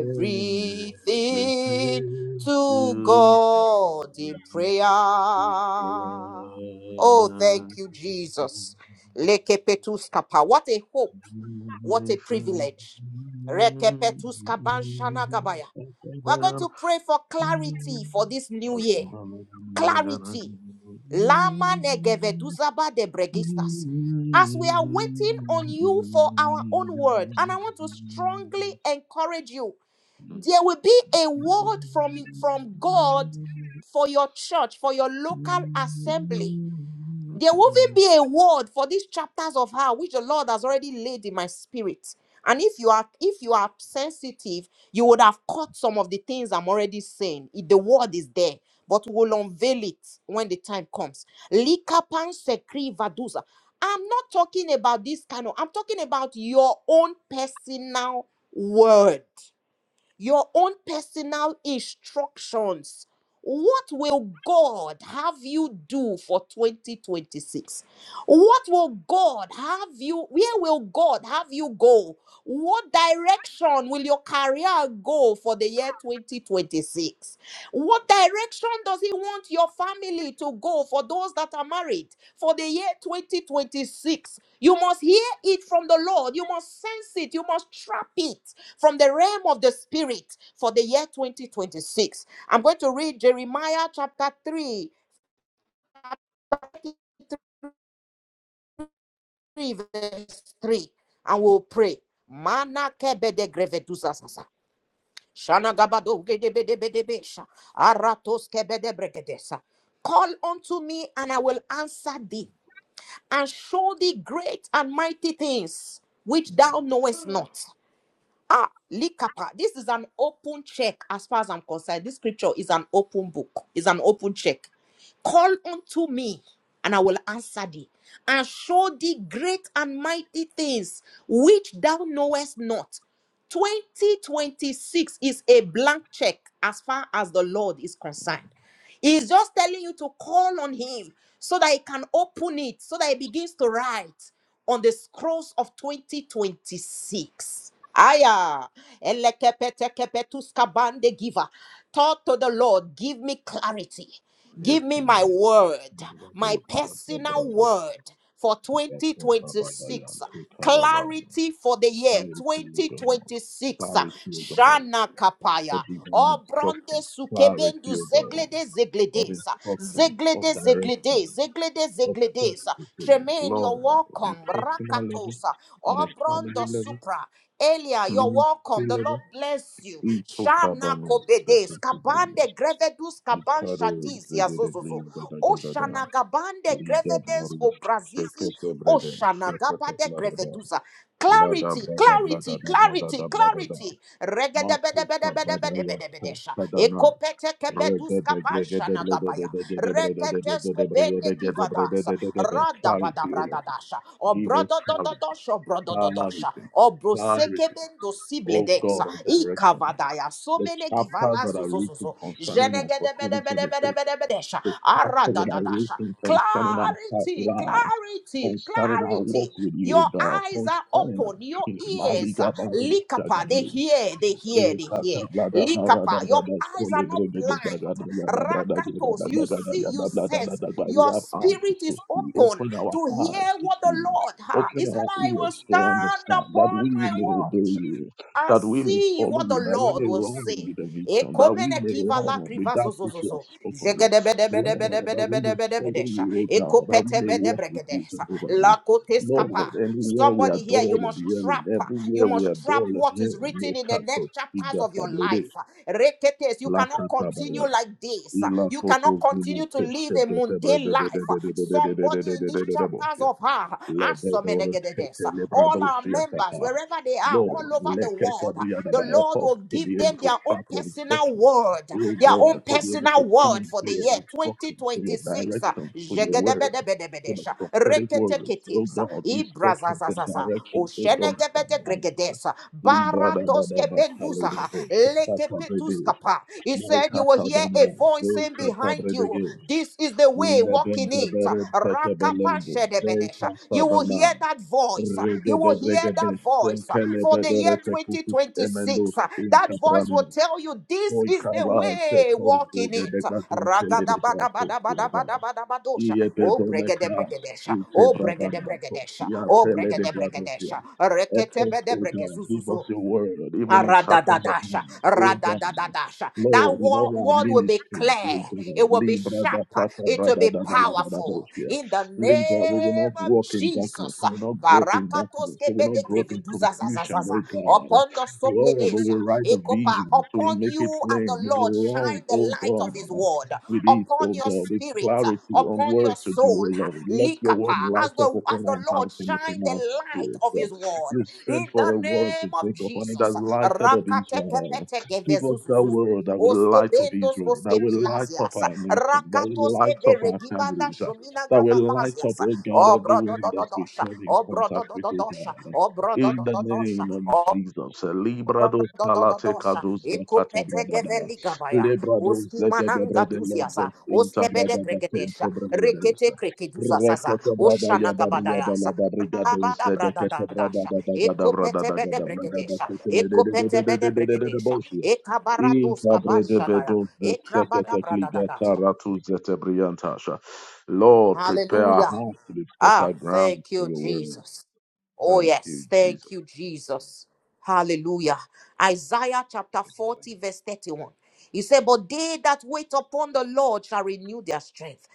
S1: everything to
S3: you
S1: God in prayer. Oh, thank you, Jesus. Lekepetuskapa. What a hope. What a privilege. Rekepetuskabanshanagabaya. We're going to pray for clarity for this new year.
S3: died,
S1: Clarity. Lama
S3: I'm
S1: negeveduzaba de
S3: Yes,
S1: bregistas.
S3: Lord.
S1: As we are waiting on you for our own word, and I want to strongly encourage you there will be a word from from god for your church for your local assembly there will even be a word for these chapters of how which the lord has already laid in my spirit and if you are if you are sensitive you would have caught some of the things i'm already saying It- the word is there but we will unveil it when the time comes likapan sekri vadusa i'm not talking about this kind of i'm talking about your own personal word your own personal instructions. What will God have you do for 2026? What will God have you? Where will God have you go? What direction will your career go for the year 2026? What direction does He want your family to go for those that are married for the year 2026? You must hear it from the Lord. You must sense it. You must trap it from the realm of the spirit for the year 2026. I'm going to read Jeremiah chapter 3, chapter 3 verse 3, and we'll pray. Mana kebede grevedusa sasa. Shana gabado gedebedebedebesha. Aratos kebede bregedesa. Call unto me, and I will answer thee, and show thee great and mighty things which thou knowest not. Ah, Likapa. This is an open check as far as I'm concerned. This scripture is an open book, It's an open check. Call unto me, and I will answer thee, and show thee great and mighty things which thou knowest not. 2026 is a blank check as far as the Lord is concerned. He's just telling you to call on Him so that He can open it, so that He begins to write on the scrolls of 2026. Aya, elekepetekepetuskabande giver. Talk to the Lord, give me clarity. Give me my word,
S3: Rabu,
S1: my
S3: Rabu, Rabu,
S1: personal word for 2026.
S3: Rabu,
S1: Clarity for the year
S3: Clarity, O God.
S1: 2026.
S3: Clarity, O God.
S1: Shana
S3: For
S1: Kapaya.
S3: divine
S1: O bronde
S3: instructions. Clarity,
S1: sukebendu
S3: O God.
S1: zeglede
S3: Of
S1: zegledes,
S3: instructions, of
S1: Zeglede
S3: direction.
S1: zegledes, Zeglede
S3: of
S1: zegledes.
S3: destiny,
S1: Tremaine, you're
S3: Lord, on a
S1: welcome.
S3: personal level,
S1: Rakatosa.
S3: on
S1: O
S3: a
S1: brondo
S3: family level,
S1: supra. Elia, you're welcome.
S3: ministry
S1: The Lord
S3: level.
S1: bless you.
S3: Ito
S1: Shana
S3: kabano
S1: kobedes.
S3: sakatubuna.
S1: Kabande grevedus kaban
S3: Ikado
S1: shadiz
S3: zegedebli
S1: yazozozo.
S3: gadagada.
S1: Oshana gabande
S3: Liga
S1: grevedes
S3: baru
S1: obrazizi.
S3: shekete brede
S1: Oshana
S3: shekete
S1: gabade
S3: bladada.
S1: grevedusa.
S3: Lada
S1: Clarity,
S3: blada
S1: clarity,
S3: bladada
S1: clarity,
S3: bladada bladada.
S1: clarity. Regede
S3: Mafu
S1: bede bede bede bede
S3: kabadaya
S1: bede bede sha.
S3: kadana.
S1: Eko pete kebe duska
S3: Clarity,
S1: pansha nagabaya. Reketesko bende givadas. Rada bada
S3: O
S1: brada
S3: Lord.
S1: dasha. O
S3: Give us
S1: brodo do
S3: clarity.
S1: do dosha, O brodo do
S3: clarity,
S1: dosha. O broseke
S3: clarity,
S1: bendo sible
S3: oh God,
S1: desa.
S3: of
S1: Ika
S3: direction.
S1: vadaya. so
S3: The
S1: mene
S3: chapters
S1: givala
S3: that are written
S1: Regedebedebedebedebedebedesha.
S3: concerning
S1: Ekopetekebeduskapansanagabaya.
S3: us for
S1: bede bede
S3: 2026,
S1: bede bede bede Ikavadaya. Somenegivalazuzzuzuzu. Jenegedebedebedebedebedesha.
S3: the chapters that are
S1: dasha.
S3: written concerning our
S1: Clarity,
S3: lives,
S1: clarity,
S3: concerning our walk
S1: clarity.
S3: with
S1: Your
S3: you, God,
S1: eyes are
S3: concerning our
S1: open, your
S3: family,
S1: ears, uh,
S3: Maliga Baru
S1: likapa, they
S3: Shagaru,
S1: hear, they
S3: we
S1: hear, they
S3: have eyes
S1: hear.
S3: to
S1: Likapa, your eyes are not blind. Rakatos, you see, you sense. Your spirit is
S3: see.
S1: open
S3: Open our
S1: to
S3: eyes
S1: hear
S3: to
S1: what the
S3: see.
S1: Lord, ha.
S3: Open
S1: He said,
S3: our
S1: I will
S3: ears to
S1: stand
S3: understand that
S1: upon
S3: we
S1: my
S3: may obey
S1: watch
S3: you,
S1: and
S3: that we may
S1: see
S3: follow
S1: what the
S3: you, that we
S1: Lord
S3: may
S1: will
S3: run
S1: say.
S3: with the vision, that we
S1: Ekomene
S3: may
S1: kiva la
S3: run with
S1: kriva zo
S3: that
S1: zo
S3: which
S1: zo
S3: you have
S1: zo.
S3: spoken. now.
S1: Zegede bede bede bede
S3: Lord, that
S1: bede
S3: we
S1: bede
S3: may
S1: bede
S3: follow
S1: bede sha.
S3: you, O God, that we
S1: Ekopete
S3: may
S1: bede
S3: walk with
S1: bregede
S3: you,
S1: sa.
S3: Jehovah.
S1: La kote skapa.
S3: Lord, anywhere we are
S1: Somebody here,
S3: dull
S1: you
S3: of
S1: must trap.
S3: hearing,
S1: You
S3: everywhere we are
S1: must trap
S3: dull of
S1: what is
S3: hearing, may
S1: written in the
S3: cut us
S1: next chapters of your
S3: Igatablede,
S1: life. Reketes, you cannot continue
S3: Lakatabaya,
S1: like this. You
S3: Ilakoso
S1: cannot
S3: Zina
S1: continue to live a
S3: koshkete tebre
S1: mundane
S3: de de
S1: life.
S3: de de de de de de de de
S1: Somebody in
S3: de
S1: these
S3: de de
S1: chapters members
S3: de
S1: of her,
S3: Lebedore tete
S1: Asomenegededes, all our
S3: lebradosia
S1: members,
S3: tapa.
S1: wherever they are,
S3: Lord,
S1: all over the world, the
S3: leketabriadaba,
S1: Lord
S3: help us
S1: will
S3: to be
S1: give
S3: able
S1: them
S3: to
S1: their own
S3: track your
S1: personal
S3: instructions.
S1: word,
S3: Oh
S1: their
S3: God,
S1: own
S3: to be able to
S1: personal
S3: think
S1: word for
S3: to
S1: the
S3: your
S1: year
S3: instructions, to your
S1: 2026.
S3: directions, to your word, to the
S1: Jegedebedebedebedesh,
S3: prophetic words. Oh
S1: reketeketes,
S3: God, instructions and
S1: ibrazazazaza,
S3: directions, oh God, from
S1: oshenegebedegregedes, baratoske benduza,
S3: God.
S1: lekepetuskapa. He said, You will hear
S3: Maikatadoma,
S1: a voice saying behind you,
S3: Vekatabrege,
S1: This is the way, walk in it.
S3: Lebendebere, Petabelende,
S1: Rakapashedebedesha. You will hear
S3: Vekatabana,
S1: that voice. You will hear
S3: Regedegregede,
S1: that voice for the year
S3: Senkelebedere, Tekutus, Emendos,
S1: 2026. That voice will
S3: Incaprano,
S1: tell you, This is the
S3: Hoikalai,
S1: way,
S3: Tekos,
S1: walk in it.
S3: Regedebagon, Teledebatos,
S1: Ragadabadabadabadabadabadosha. Oh,
S3: Iebedoneka,
S1: bregedebregedesha.
S3: Ute
S1: Oh,
S3: Bravana,
S1: bregedebregedesha.
S3: Tia
S1: Oh,
S3: Pele de Bradosia.
S1: bregedebregedesha.
S3: Help us, O God, give us
S1: Reketebedebregezuzuzu.
S3: your word, even in chapters of
S1: Aradadadasha,
S3: time, O God.
S1: radadadadasha. That
S3: Lord, in all
S1: wo-
S3: our
S1: word will be
S3: ministries,
S1: clear.
S3: O God,
S1: It will be
S3: Libra
S1: sharp.
S3: da Kata
S1: It will
S3: Brada
S1: be
S3: da da da da da
S1: powerful.
S3: Bosia.
S1: In the
S3: Libra, we will
S1: name
S3: not
S1: of
S3: walk in darkness,
S1: Jesus.
S3: we will not grope in darkness, we
S1: Barakatoske
S3: will not
S1: bede
S3: grope in confusion,
S1: greveduzazazazaza.
S3: O God.
S1: Upon the
S3: Lord, we
S1: sopledesa.
S3: will write the
S1: Ekopa.
S3: vision, so we
S1: Upon
S3: make it
S1: you as
S3: plain,
S1: the
S3: we
S1: Lord
S3: will
S1: shine
S3: run, O
S1: the light of his
S3: God
S1: word.
S3: with it,
S1: Upon
S3: oh
S1: your
S3: God, a
S1: spirit.
S3: clarity on
S1: Upon
S3: where
S1: your
S3: to do,
S1: soul.
S3: oh Lord. Let your word
S1: Likapa. As
S3: light up
S1: the, as
S3: upon
S1: the
S3: our
S1: Lord
S3: hearts and
S1: shine
S3: upon our
S1: the light
S3: spirits.
S1: of
S3: yeah.
S1: his word
S3: You
S1: in
S3: sent
S1: the
S3: for a word
S1: name
S3: to
S1: of
S3: take up, and it has
S1: Jesus.
S3: lighted up Israel. Give us that
S1: Rakatekepetekevezuzuzu.
S3: word that will light up
S1: Oskebendos
S3: Israel, that will light up
S1: oskebilazias.
S3: our nation, that will
S1: Rakatoske
S3: light up our
S1: beregibanda
S3: families, yeah.
S1: shomina
S3: that will light
S1: gavalazias.
S3: up, oh God,
S1: Oh, bro, do,
S3: everyone
S1: do, do,
S3: that's we
S1: dosha.
S3: come in
S1: Oh, bro, do,
S3: contact
S1: do,
S3: with,
S1: do,
S3: oh
S1: dosha.
S3: God.
S1: Oh, bro,
S3: In
S1: do, do,
S3: the
S1: do, dosha.
S3: name of
S1: Oh,
S3: Jesus. Libra do palate
S1: Dodododosha,
S3: caduza
S1: Ekopete
S3: Catabana,
S1: Geveligabaya,
S3: Lebrados,
S1: Oski
S3: Legede
S1: Mananga
S3: Bredelentos,
S1: Duziaza, Oskebede
S3: Intabrada da
S1: Gregedesha,
S3: Tento Bredelos,
S1: Rekete Krekeduzazaza,
S3: Recate Brada
S1: Oshana
S3: Yadabria da la
S1: Gabadayasa,
S3: da Brigados,
S1: Rabada
S3: Zedecate Brada
S1: Bradadadasha,
S3: da da Gada Brada
S1: Ekopete
S3: da
S1: Bede
S3: Gada Brada da
S1: Bregedesha,
S3: Cotele de de de
S1: Ekopete
S3: de
S1: Bede
S3: de de de de de
S1: Bregedesha,
S3: Bosia.
S1: Ekabarados
S3: Intabrede
S1: Kabashadaya,
S3: Bedos,
S1: Ekrabada
S3: Zecate Cligata
S1: Bradadadasha.
S3: Ratu briantasha. Lord, prepare our
S1: Hallelujah.
S3: hearts to be
S1: Ah,
S3: better ground
S1: thank
S3: for
S1: you,
S3: your word.
S1: Jesus. Oh,
S3: Thank you,
S1: yes. Thank
S3: Jesus.
S1: you, Jesus. Hallelujah. Isaiah chapter 40, verse 31. He said, But they that wait upon the Lord shall renew their strength.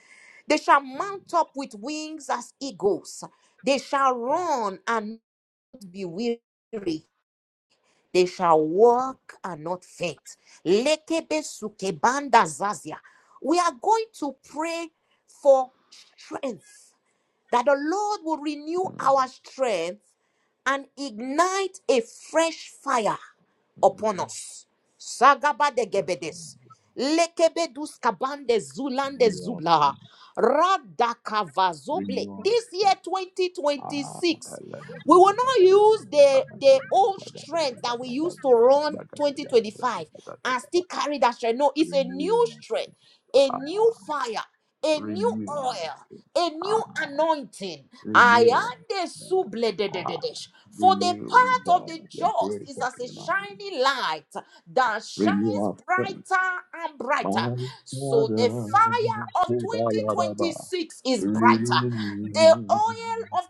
S1: They shall mount up with wings as eagles. They shall run and not be weary. They shall walk and not faint. Lekebe sukebanda zazia. We are going to pray for strength that the Lord will renew
S3: Mm,
S1: our strength and ignite a fresh fire upon
S3: mhm.
S1: us. Sagaba de
S3: Yes.
S1: gebedes. Lekebedus kabande zulande
S3: We are,
S1: zubla. Radakavazoble.
S3: we
S1: This
S3: are.
S1: year
S3: renew,
S1: 2026, we will not use the, the old strength that we used to run 2025 and still carry that strength. No, it's a new strength, a
S3: ah,
S1: new fire, a new
S3: renew,
S1: oil a
S3: ah,
S1: new anointing. I
S3: renew,
S1: am the
S3: ah,
S1: sublededededesh. For the
S3: renew
S1: path of
S3: the,
S1: the
S3: the
S1: just
S3: grace
S1: is
S3: of
S1: as a
S3: your life.
S1: shining light that
S3: Renew
S1: shines
S3: our strength,
S1: brighter and brighter.
S3: my
S1: So the
S3: father,
S1: fire of
S3: Sebalaba,
S1: 2026 is brighter.
S3: renew
S1: The
S3: me,
S1: oil of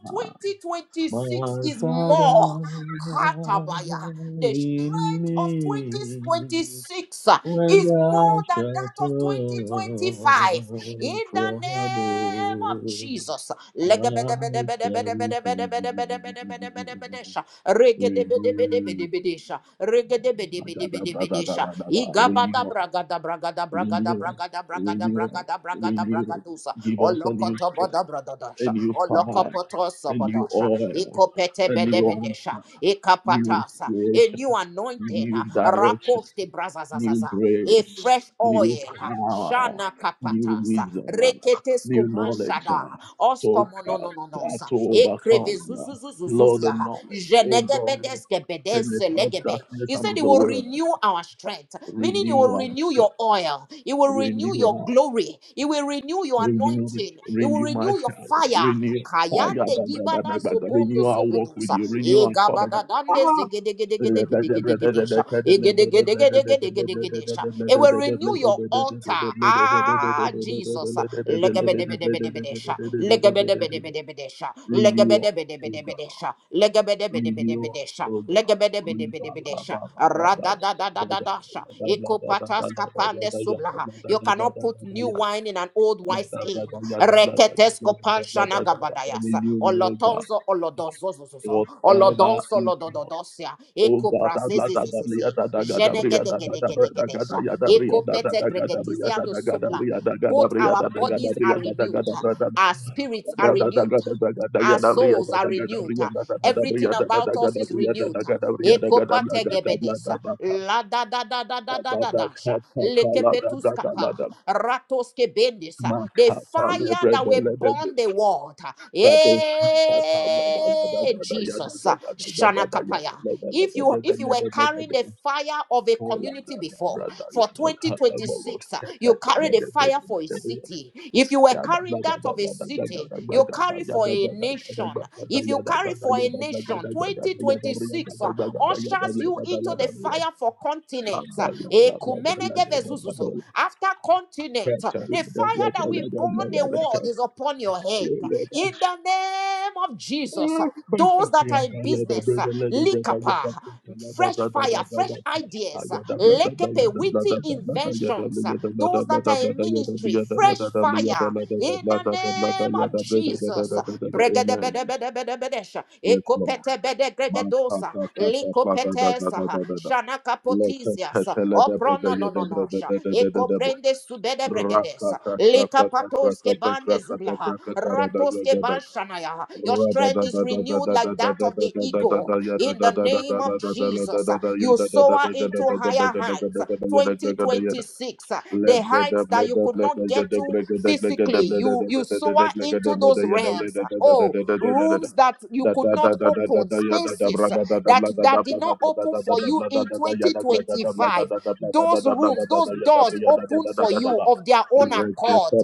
S3: My
S1: 2026 is more.
S3: Father
S1: Katabaya. The
S3: in
S1: strength of
S3: me,
S1: 2026
S3: when
S1: is
S3: thou
S1: more than
S3: shalt
S1: that of 2025
S3: come
S1: in the
S3: from
S1: name of
S3: above,
S1: Jesus.
S3: I shall be free.
S1: Legebedebedebedebedebedebedebedebedebedebedebedebedebedesha.
S3: Praise you.
S1: Regedebedebedebedebedesha.
S3: Renew, Da, da, da,
S1: Regedebedebedebedebedesha.
S3: renew, us, renew, us, renew, us,
S1: Igabadabragadabragadabragadabragadabragadabragadabragadusa.
S3: Give us a new
S1: Olokoto
S3: strength, a
S1: bodabradadasha.
S3: new fire,
S1: Olokopoto
S3: a new
S1: sabadasha.
S3: oil,
S1: Ikopete
S3: a new. oil.
S1: bedebedesha.
S3: new
S1: Ikapatasa. A new
S3: inspirations,
S1: anointing.
S3: new direction,
S1: Rakoste
S3: new
S1: brazazazaza. A
S3: grace,
S1: fresh
S3: new
S1: oil.
S3: power,
S1: Shana
S3: new
S1: kapatasa.
S3: wisdom,
S1: Rekete
S3: new knowledge
S1: skubanshada.
S3: uh, to
S1: Oskomo no no no no
S3: uh,
S1: sa.
S3: to overcome. uh, Lord, the
S1: Ekrevizuzuzuzuzuzia.
S3: knowledge, oh God,
S1: Jenegebedes
S3: goodness
S1: gebedese
S3: out of
S1: legebe.
S3: darkness,
S1: He
S3: out
S1: said
S3: of
S1: he
S3: the
S1: will
S3: world,
S1: renew our our strength, meaning He will
S3: renew our
S1: renew
S3: faith,
S1: your oil, He will renew
S3: renew
S1: your
S3: our,
S1: glory, He will renew your
S3: renew,
S1: anointing, He will
S3: renew my
S1: renew your
S3: family,
S1: fire.
S3: renew.
S1: Kayande gibada zobondo
S3: Renew our walk with
S1: zobodosa.
S3: you, renew
S1: E
S3: our covenant.
S1: gabadadande
S3: Ah! Renewal, oh
S1: zegedegedegedegedegedesha. Egedegedegedegedegedesha. It will renew your altar. Ah, Jesus. Legebedebedebedebedesha. Legebedebedebedebedesha
S3: God.
S1: bedebedebedesha,
S3: Renewal,
S1: legebedebedebedesha,
S3: oh God. Renewal, oh God.
S1: legebedebedebedesha, radadadadadadasha, ikopatas kapande sublaha. You cannot put new wine in an old wine skin. Reketes kopan shanagabadayasa, olotonzo olodonzozozozo,
S3: Whatever
S1: olodonzo
S3: is not
S1: lodododosia,
S3: Oh God, I love that. Bria
S1: ikoprazezizizizi,
S3: da da ga da bria da da da bria da ga da
S1: jenegedegedegedesha,
S3: ya da bria da da
S1: ikopete
S3: da ga da bria
S1: gregedizia
S3: da
S1: no
S3: da ga da
S1: supla.
S3: bria da ga da
S1: Both
S3: bria
S1: our
S3: da da ga da
S1: bodies
S3: bria
S1: are
S3: da da ga
S1: renewed,
S3: da bra da
S1: our spirits are
S3: bra da da ga
S1: renewed.
S3: da da ga da ya
S1: Our
S3: da bria
S1: souls
S3: da
S1: are
S3: da ga da
S1: renewed.
S3: bria
S1: uh,
S3: da da da da
S1: Everything
S3: bria da da da
S1: about us
S3: ga da
S1: is
S3: bria da da
S1: renewed. uh,
S3: ga da bria da ga da bla ga da bla
S1: Ekopategebedes,
S3: da
S1: uh,
S3: ba ka
S1: La da da da da da
S3: da
S1: da
S3: da
S1: da
S3: da ka
S1: dasha,
S3: ta ka la da da da
S1: lekepetuskapa,
S3: la da
S1: ratoskebedes, uh,
S3: ma
S1: The
S3: ka ta le
S1: fire
S3: bre
S1: that
S3: do
S1: will
S3: le de de
S1: burn the world. uh,
S3: ka do sha ka ta da da da
S1: Eh,
S3: da da ya da
S1: Jesus.
S3: da
S1: uh,
S3: ga da ga da ya
S1: Shanakapaya.
S3: da da da da
S1: If
S3: da
S1: you if you
S3: ya
S1: were
S3: da da
S1: carrying the
S3: da
S1: fire of a community before for 2026, uh, you carry the fire for a city. If you were carrying that of a city, you carry for a nation. If you carry for a nation, 2026 uh, ushers you into the fire
S3: Yada
S1: for continent. uh, Ekumenege vezuzuzu. After continent, uh, the fire that will burn the world is upon your head. In the name of Jesus. Jesus. Those that
S3: Yeah,
S1: are in
S3: yeah, the
S1: business,
S3: brother, let the brother, yeah,
S1: likapa,
S3: the sister, let the
S1: fresh
S3: brother,
S1: fire,
S3: the brother,
S1: fresh
S3: ah,
S1: ideas,
S3: yeah, the brother, the yeah,
S1: lekepe,
S3: the
S1: witty
S3: brother, the brother, yeah, the brother,
S1: inventions.
S3: yeah, the brother,
S1: Those that
S3: brother,
S1: are
S3: brother,
S1: in
S3: yeah, the brother,
S1: ministry, fresh
S3: yeah, the
S1: fire. In the
S3: brother, brother,
S1: name
S3: yeah, the brother, the brother, the brother, yeah, the brother,
S1: of
S3: the
S1: Jesus.
S3: brother, the brother,
S1: Bregede
S3: amen.
S1: bede bede bede bedesha.
S3: Yes, Lord.
S1: ekopete bede Bregedebedebedebedebedesha,
S3: Man, ta,
S1: ekopetebedegegedosa,
S3: ta, ta, ta, ta, da, da, da, da,
S1: likopetesa,
S3: da, da, da. Let the
S1: shanakapotisias,
S3: brother, let the brother, yeah, the brother,
S1: oprononononosha,
S3: the, the, the, the, the, the,
S1: ekobrende
S3: Ra, ta,
S1: subedebregedesa,
S3: ta, ra, ta, ta, ra,
S1: likapatos
S3: ta,
S1: ke
S3: ta, ra,
S1: bande zu
S3: ta, ta,
S1: zublaha.
S3: ra, ta, ta, ra, ta, ta, ra, da, da,
S1: Ratoske
S3: da, da.
S1: banshanaya.
S3: Rekete
S1: Your
S3: pon
S1: strength is renewed like that of the eagle. In the name of Jesus, you soar into higher heights. 2026, the heights that you could not get to physically, you you soar into those realms. Oh, rooms that you could not open, spaces that that did not open for you in 2025. Those rooms, those doors open for you you of their own accord.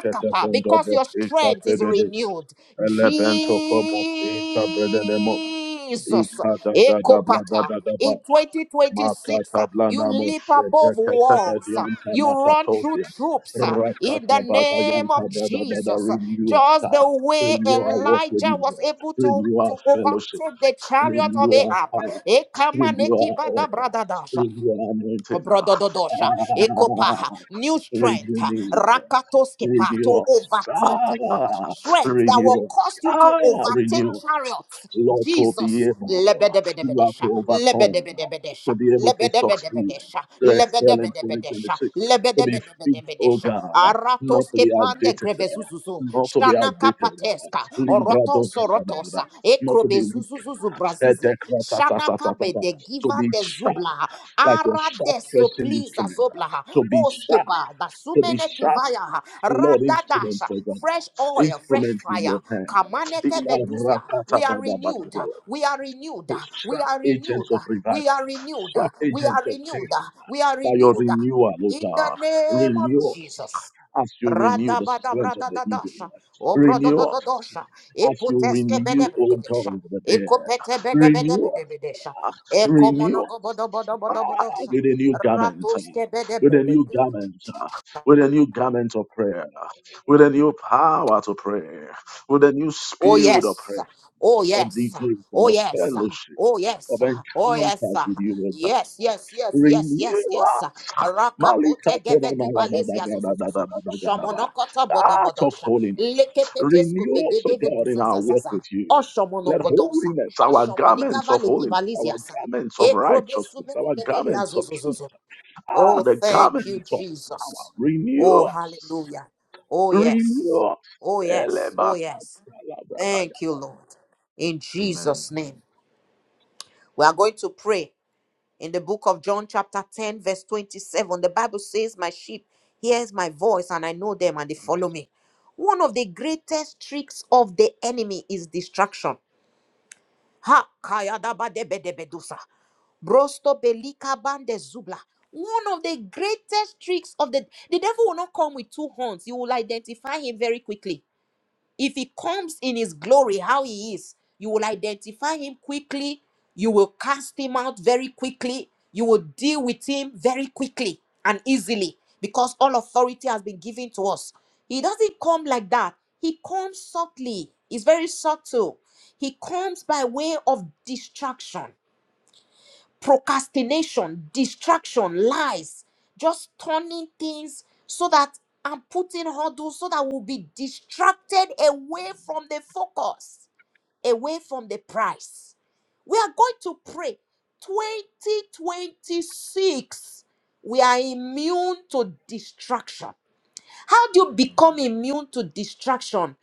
S3: sekete pon
S1: because
S3: dobe
S1: your strength is
S3: ikate
S1: renewed.
S3: Elemento como pinta bredelemo
S1: Jesus.
S3: ikada da da bla da
S1: Ekopata.
S3: da da ba
S1: In 2026,
S3: makata
S1: uh,
S3: bla
S1: you
S3: namo
S1: leap
S3: shede
S1: above
S3: kete
S1: walls, uh,
S3: edianta
S1: you run through
S3: nakatosia
S1: troops uh, in
S3: rakata
S1: the
S3: ba da
S1: name
S3: yanta
S1: of
S3: da da da da
S1: Jesus. Uh,
S3: renew us
S1: Just the
S3: ah.
S1: way
S3: renew our work with
S1: Elijah
S3: you
S1: was
S3: Lord.
S1: able to,
S3: renew our
S1: to
S3: fellowship
S1: overtake the chariot of
S3: renew our
S1: Ahab.
S3: fire
S1: Ekamaneki
S3: renew
S1: neki
S3: our
S1: bada
S3: order
S1: bradadash.
S3: renew our anointing ah.
S1: Brodododosha, Ekopaha,
S3: Ah,
S1: new strength,
S3: renew me
S1: Rakatoskepa
S3: Renew
S1: to
S3: us.
S1: overtake,
S3: Ah,
S1: strength that will
S3: renew us.
S1: cause you to
S3: Ah,
S1: overtake
S3: renew us.
S1: chariots.
S3: Lord, to be
S1: Jesus,
S3: able, uh, you are to
S1: lebedebedebedesha,
S3: overcome, uh,
S1: lebedebedebedesha,
S3: to be able to succeed,
S1: lebedebedebedesha,
S3: uh, to excel in
S1: lebedebedebedesha,
S3: 2026, to be fit, oh
S1: lebedebedebedesha,
S3: God, uh, not to be
S1: aratoskepande
S3: outdated, uh,
S1: grevezuzuzu,
S3: not to be
S1: shanaka
S3: outdated, uh,
S1: pateska,
S3: Libra does,
S1: orotos
S3: uh,
S1: orotosa,
S3: not to
S1: Ekrobe
S3: be weak,
S1: zuzuzuzu
S3: uh,
S1: brazizi.
S3: decra- ta- ta- ta-
S1: Shanaka
S3: ta- ta-
S1: be
S3: ta,
S1: de
S3: to
S1: givan
S3: be
S1: de
S3: sharp,
S1: zubla.
S3: like a
S1: Ara
S3: sharp
S1: de
S3: pressing
S1: sopliza
S3: instrument, uh,
S1: zobla.
S3: to be sharp,
S1: Oskeba da
S3: to be
S1: sumene
S3: sharp
S1: kivaya.
S3: Lord, instruments,
S1: Radadasha.
S3: oh God,
S1: Fresh oil, fresh
S3: instruments in
S1: fire.
S3: your hand.
S1: Kamaneke veduzia.
S3: Rakata,
S1: We are
S3: brother, brother,
S1: renewed.
S3: brother.
S1: We are renewed. We
S3: Sharp
S1: are
S3: agents
S1: renewed.
S3: of revival,
S1: We are renewed.
S3: sharp
S1: We
S3: agents
S1: are
S3: of
S1: renewed.
S3: change,
S1: We are
S3: by your
S1: renewed.
S3: renewal, oh
S1: In the
S3: God,
S1: name of
S3: renew us
S1: Jesus.
S3: as you renew the strength of the eagle,
S1: Radabadabradadadasha.
S3: renew us
S1: Obrodododosha.
S3: as you
S1: Iputeske
S3: renew, oh God,
S1: bedebredesha.
S3: of the
S1: Ikopete
S3: dead, renew us,
S1: bedebedebedesha.
S3: renew. [laughs]
S1: Ekomonogobodobodobodobodosha.
S3: with a new garment, uh,
S1: Ratuske
S3: with a new
S1: bedebredesha.
S3: garment, uh, with a new garment of prayer, uh, with a new power to pray, with a new
S1: Oh
S3: spirit of
S1: yes.
S3: prayer,
S1: Oh
S3: of
S1: yes.
S3: devotion,
S1: Oh
S3: of
S1: yes.
S3: fellowship,
S1: Oh
S3: of
S1: yes. Oh yes.
S3: encounters with you, O
S1: Yes,
S3: God.
S1: yes, yes, yes,
S3: Renew
S1: yes, yes.
S3: us, Malika
S1: Rakapote
S3: Toba na
S1: gevedi
S3: la da da
S1: balezia
S3: da da da da
S1: zozozo.
S3: da da da da ba.
S1: Shamonokota
S3: heart of
S1: bodobodosha.
S3: holiness.
S1: Lekepetesku
S3: Renew us, O
S1: bedegeve
S3: God, in our work
S1: duzazazaza.
S3: with you. Let
S1: Oshomonongodosa.
S3: holiness, our garments
S1: Oshomonigava
S3: of
S1: legi
S3: holiness, our
S1: baleziasa.
S3: garments of righteousness,
S1: Ekrobesumene
S3: our
S1: gevilia
S3: garments of
S1: zozozozo.
S3: Ah,
S1: Oh,
S3: the
S1: thank you,
S3: government of
S1: Jesus. Oh,
S3: renewal,
S1: hallelujah. Oh, yes.
S3: renewal.
S1: Oh, yes. Oh,
S3: Elebakalabradaga.
S1: yes. Thank you, Lord. In
S3: Amen.
S1: Jesus' name. We are going to pray in the book of John, chapter 10, verse 27. The Bible says, My sheep hears my voice, and I know them, and they follow me. One of the greatest tricks of the enemy is distraction. Ha! kayadabadebedebedusa. Brosto belika bande zubla. One of the greatest tricks of the the devil will not come with two horns. You will identify him very quickly. If he comes in his glory, how he is, you will identify him quickly. You will cast him out very quickly. You will deal with him very quickly and easily because all authority has been given to us. He doesn't come like that. He comes subtly. He's very subtle. He comes by way of distraction procrastination, distraction, lies, just turning things so that I'm putting hurdles so that we'll be distracted away from the focus, away from the prize. We are going to pray 2026. We are immune to distraction. How do you become immune to distraction?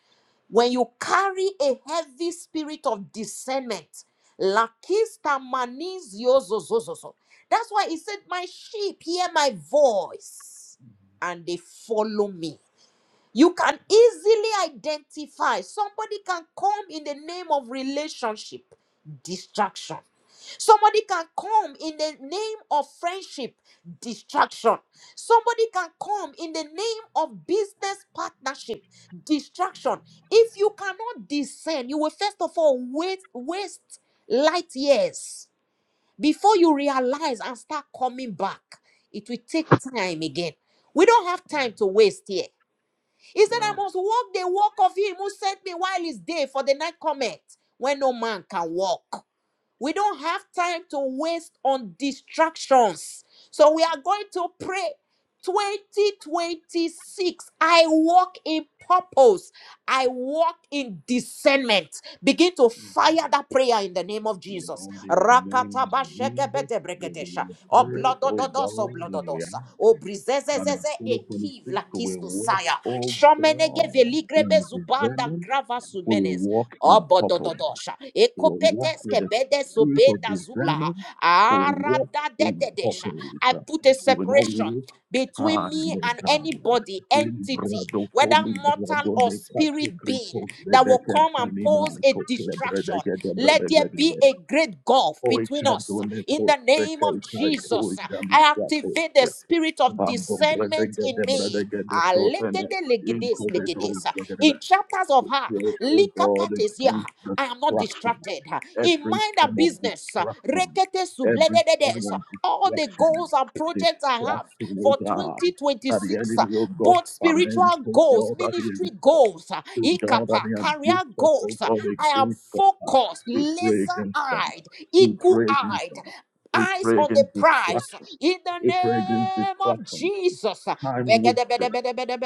S1: When you carry a heavy spirit of discernment. Lakista manizio zozozozo. That's why he said, My sheep hear my voice and they follow me. You can easily identify. Somebody can come in the name of relationship, distraction. Somebody can come in the name of friendship, distraction. Somebody can come in the name of business partnership, distraction. If you cannot discern, you will first of all wait, waste light years before you realize and start coming back. It will take time again. We don't have time to waste here. He said, I
S3: Yeah.
S1: must walk the walk of him who sent me while it's day, for the night cometh, when no man can walk. We don't have time to waste on distractions. So we are going to pray 2026. I walk in purpose. I walk in discernment. Begin to fire that prayer in the name of Jesus.
S3: Lord, in the name
S1: Rakataba
S3: of Jesus,
S1: shegebede
S3: we
S1: bregedesha.
S3: begin to
S1: O
S3: pray, oh
S1: Oblodododosa,
S3: God, in the
S1: oblododosa.
S3: and in
S1: Obrizezezeze
S3: 2026,
S1: ekiv
S3: we walk,
S1: lakistosaya.
S3: oh
S1: Shomenege
S3: God, in
S1: veligrebezubanda
S3: discernment,
S1: grava
S3: we will
S1: sumenes.
S3: walk in purpose,
S1: Obodododosha.
S3: we will walk
S1: Ekopetes
S3: with the
S1: kebede
S3: spirit of
S1: sobenda zubla.
S3: discernment, we will walk in
S1: Aradadededesha. I
S3: purpose.
S1: put a
S3: we will not
S1: separation between
S3: Ah,
S1: me
S3: my
S1: and
S3: God.
S1: anybody, entity,
S3: Librado
S1: whether mortal
S3: colibrado
S1: or
S3: le capo
S1: spirit being,
S3: cripo
S1: that
S3: de
S1: will come and
S3: cantina
S1: pose a
S3: to clebre
S1: distraction.
S3: de gedebre
S1: Let
S3: de
S1: there be
S3: glebre.
S1: a great gulf
S3: Oi
S1: between us.
S3: cadone
S1: In the
S3: poste
S1: name
S3: kai
S1: of
S3: kai koi
S1: Jesus,
S3: gami
S1: I
S3: quapo.
S1: activate the spirit of
S3: Bando brede
S1: discernment in
S3: gedebre
S1: me.
S3: de gede
S1: Ah,
S3: crotene.
S1: legede, legedes,
S3: Inco de
S1: legedes.
S3: dolce
S1: In chapters of her,
S3: Create, oh God,
S1: likapates here.
S3: against
S1: I am not
S3: destruction,
S1: distracted. In
S3: every
S1: mind and
S3: form of
S1: business,
S3: destruction,
S1: rekete
S3: every form
S1: sublededes.
S3: of
S1: All the
S3: destruction,
S1: goals and projects I have
S3: destruction,
S1: for
S3: oh God, that the
S1: 2026,
S3: enemy, oh God,
S1: both
S3: finance,
S1: spiritual
S3: oh
S1: goals,
S3: God, that the
S1: ministry
S3: enemy,
S1: goals,
S3: oh God, that
S1: ikapa,
S3: the
S1: career
S3: abuse of, oh
S1: goals.
S3: God,
S1: I am
S3: against them,
S1: focused,
S3: we pray against them,
S1: laser-eyed,
S3: we pray against
S1: eagle-eyed
S3: them, we
S1: eyes
S3: pray
S1: on the
S3: against
S1: prize
S3: destruction,
S1: in the
S3: we pray against
S1: name of
S3: destruction,
S1: Jesus.
S3: time wasted.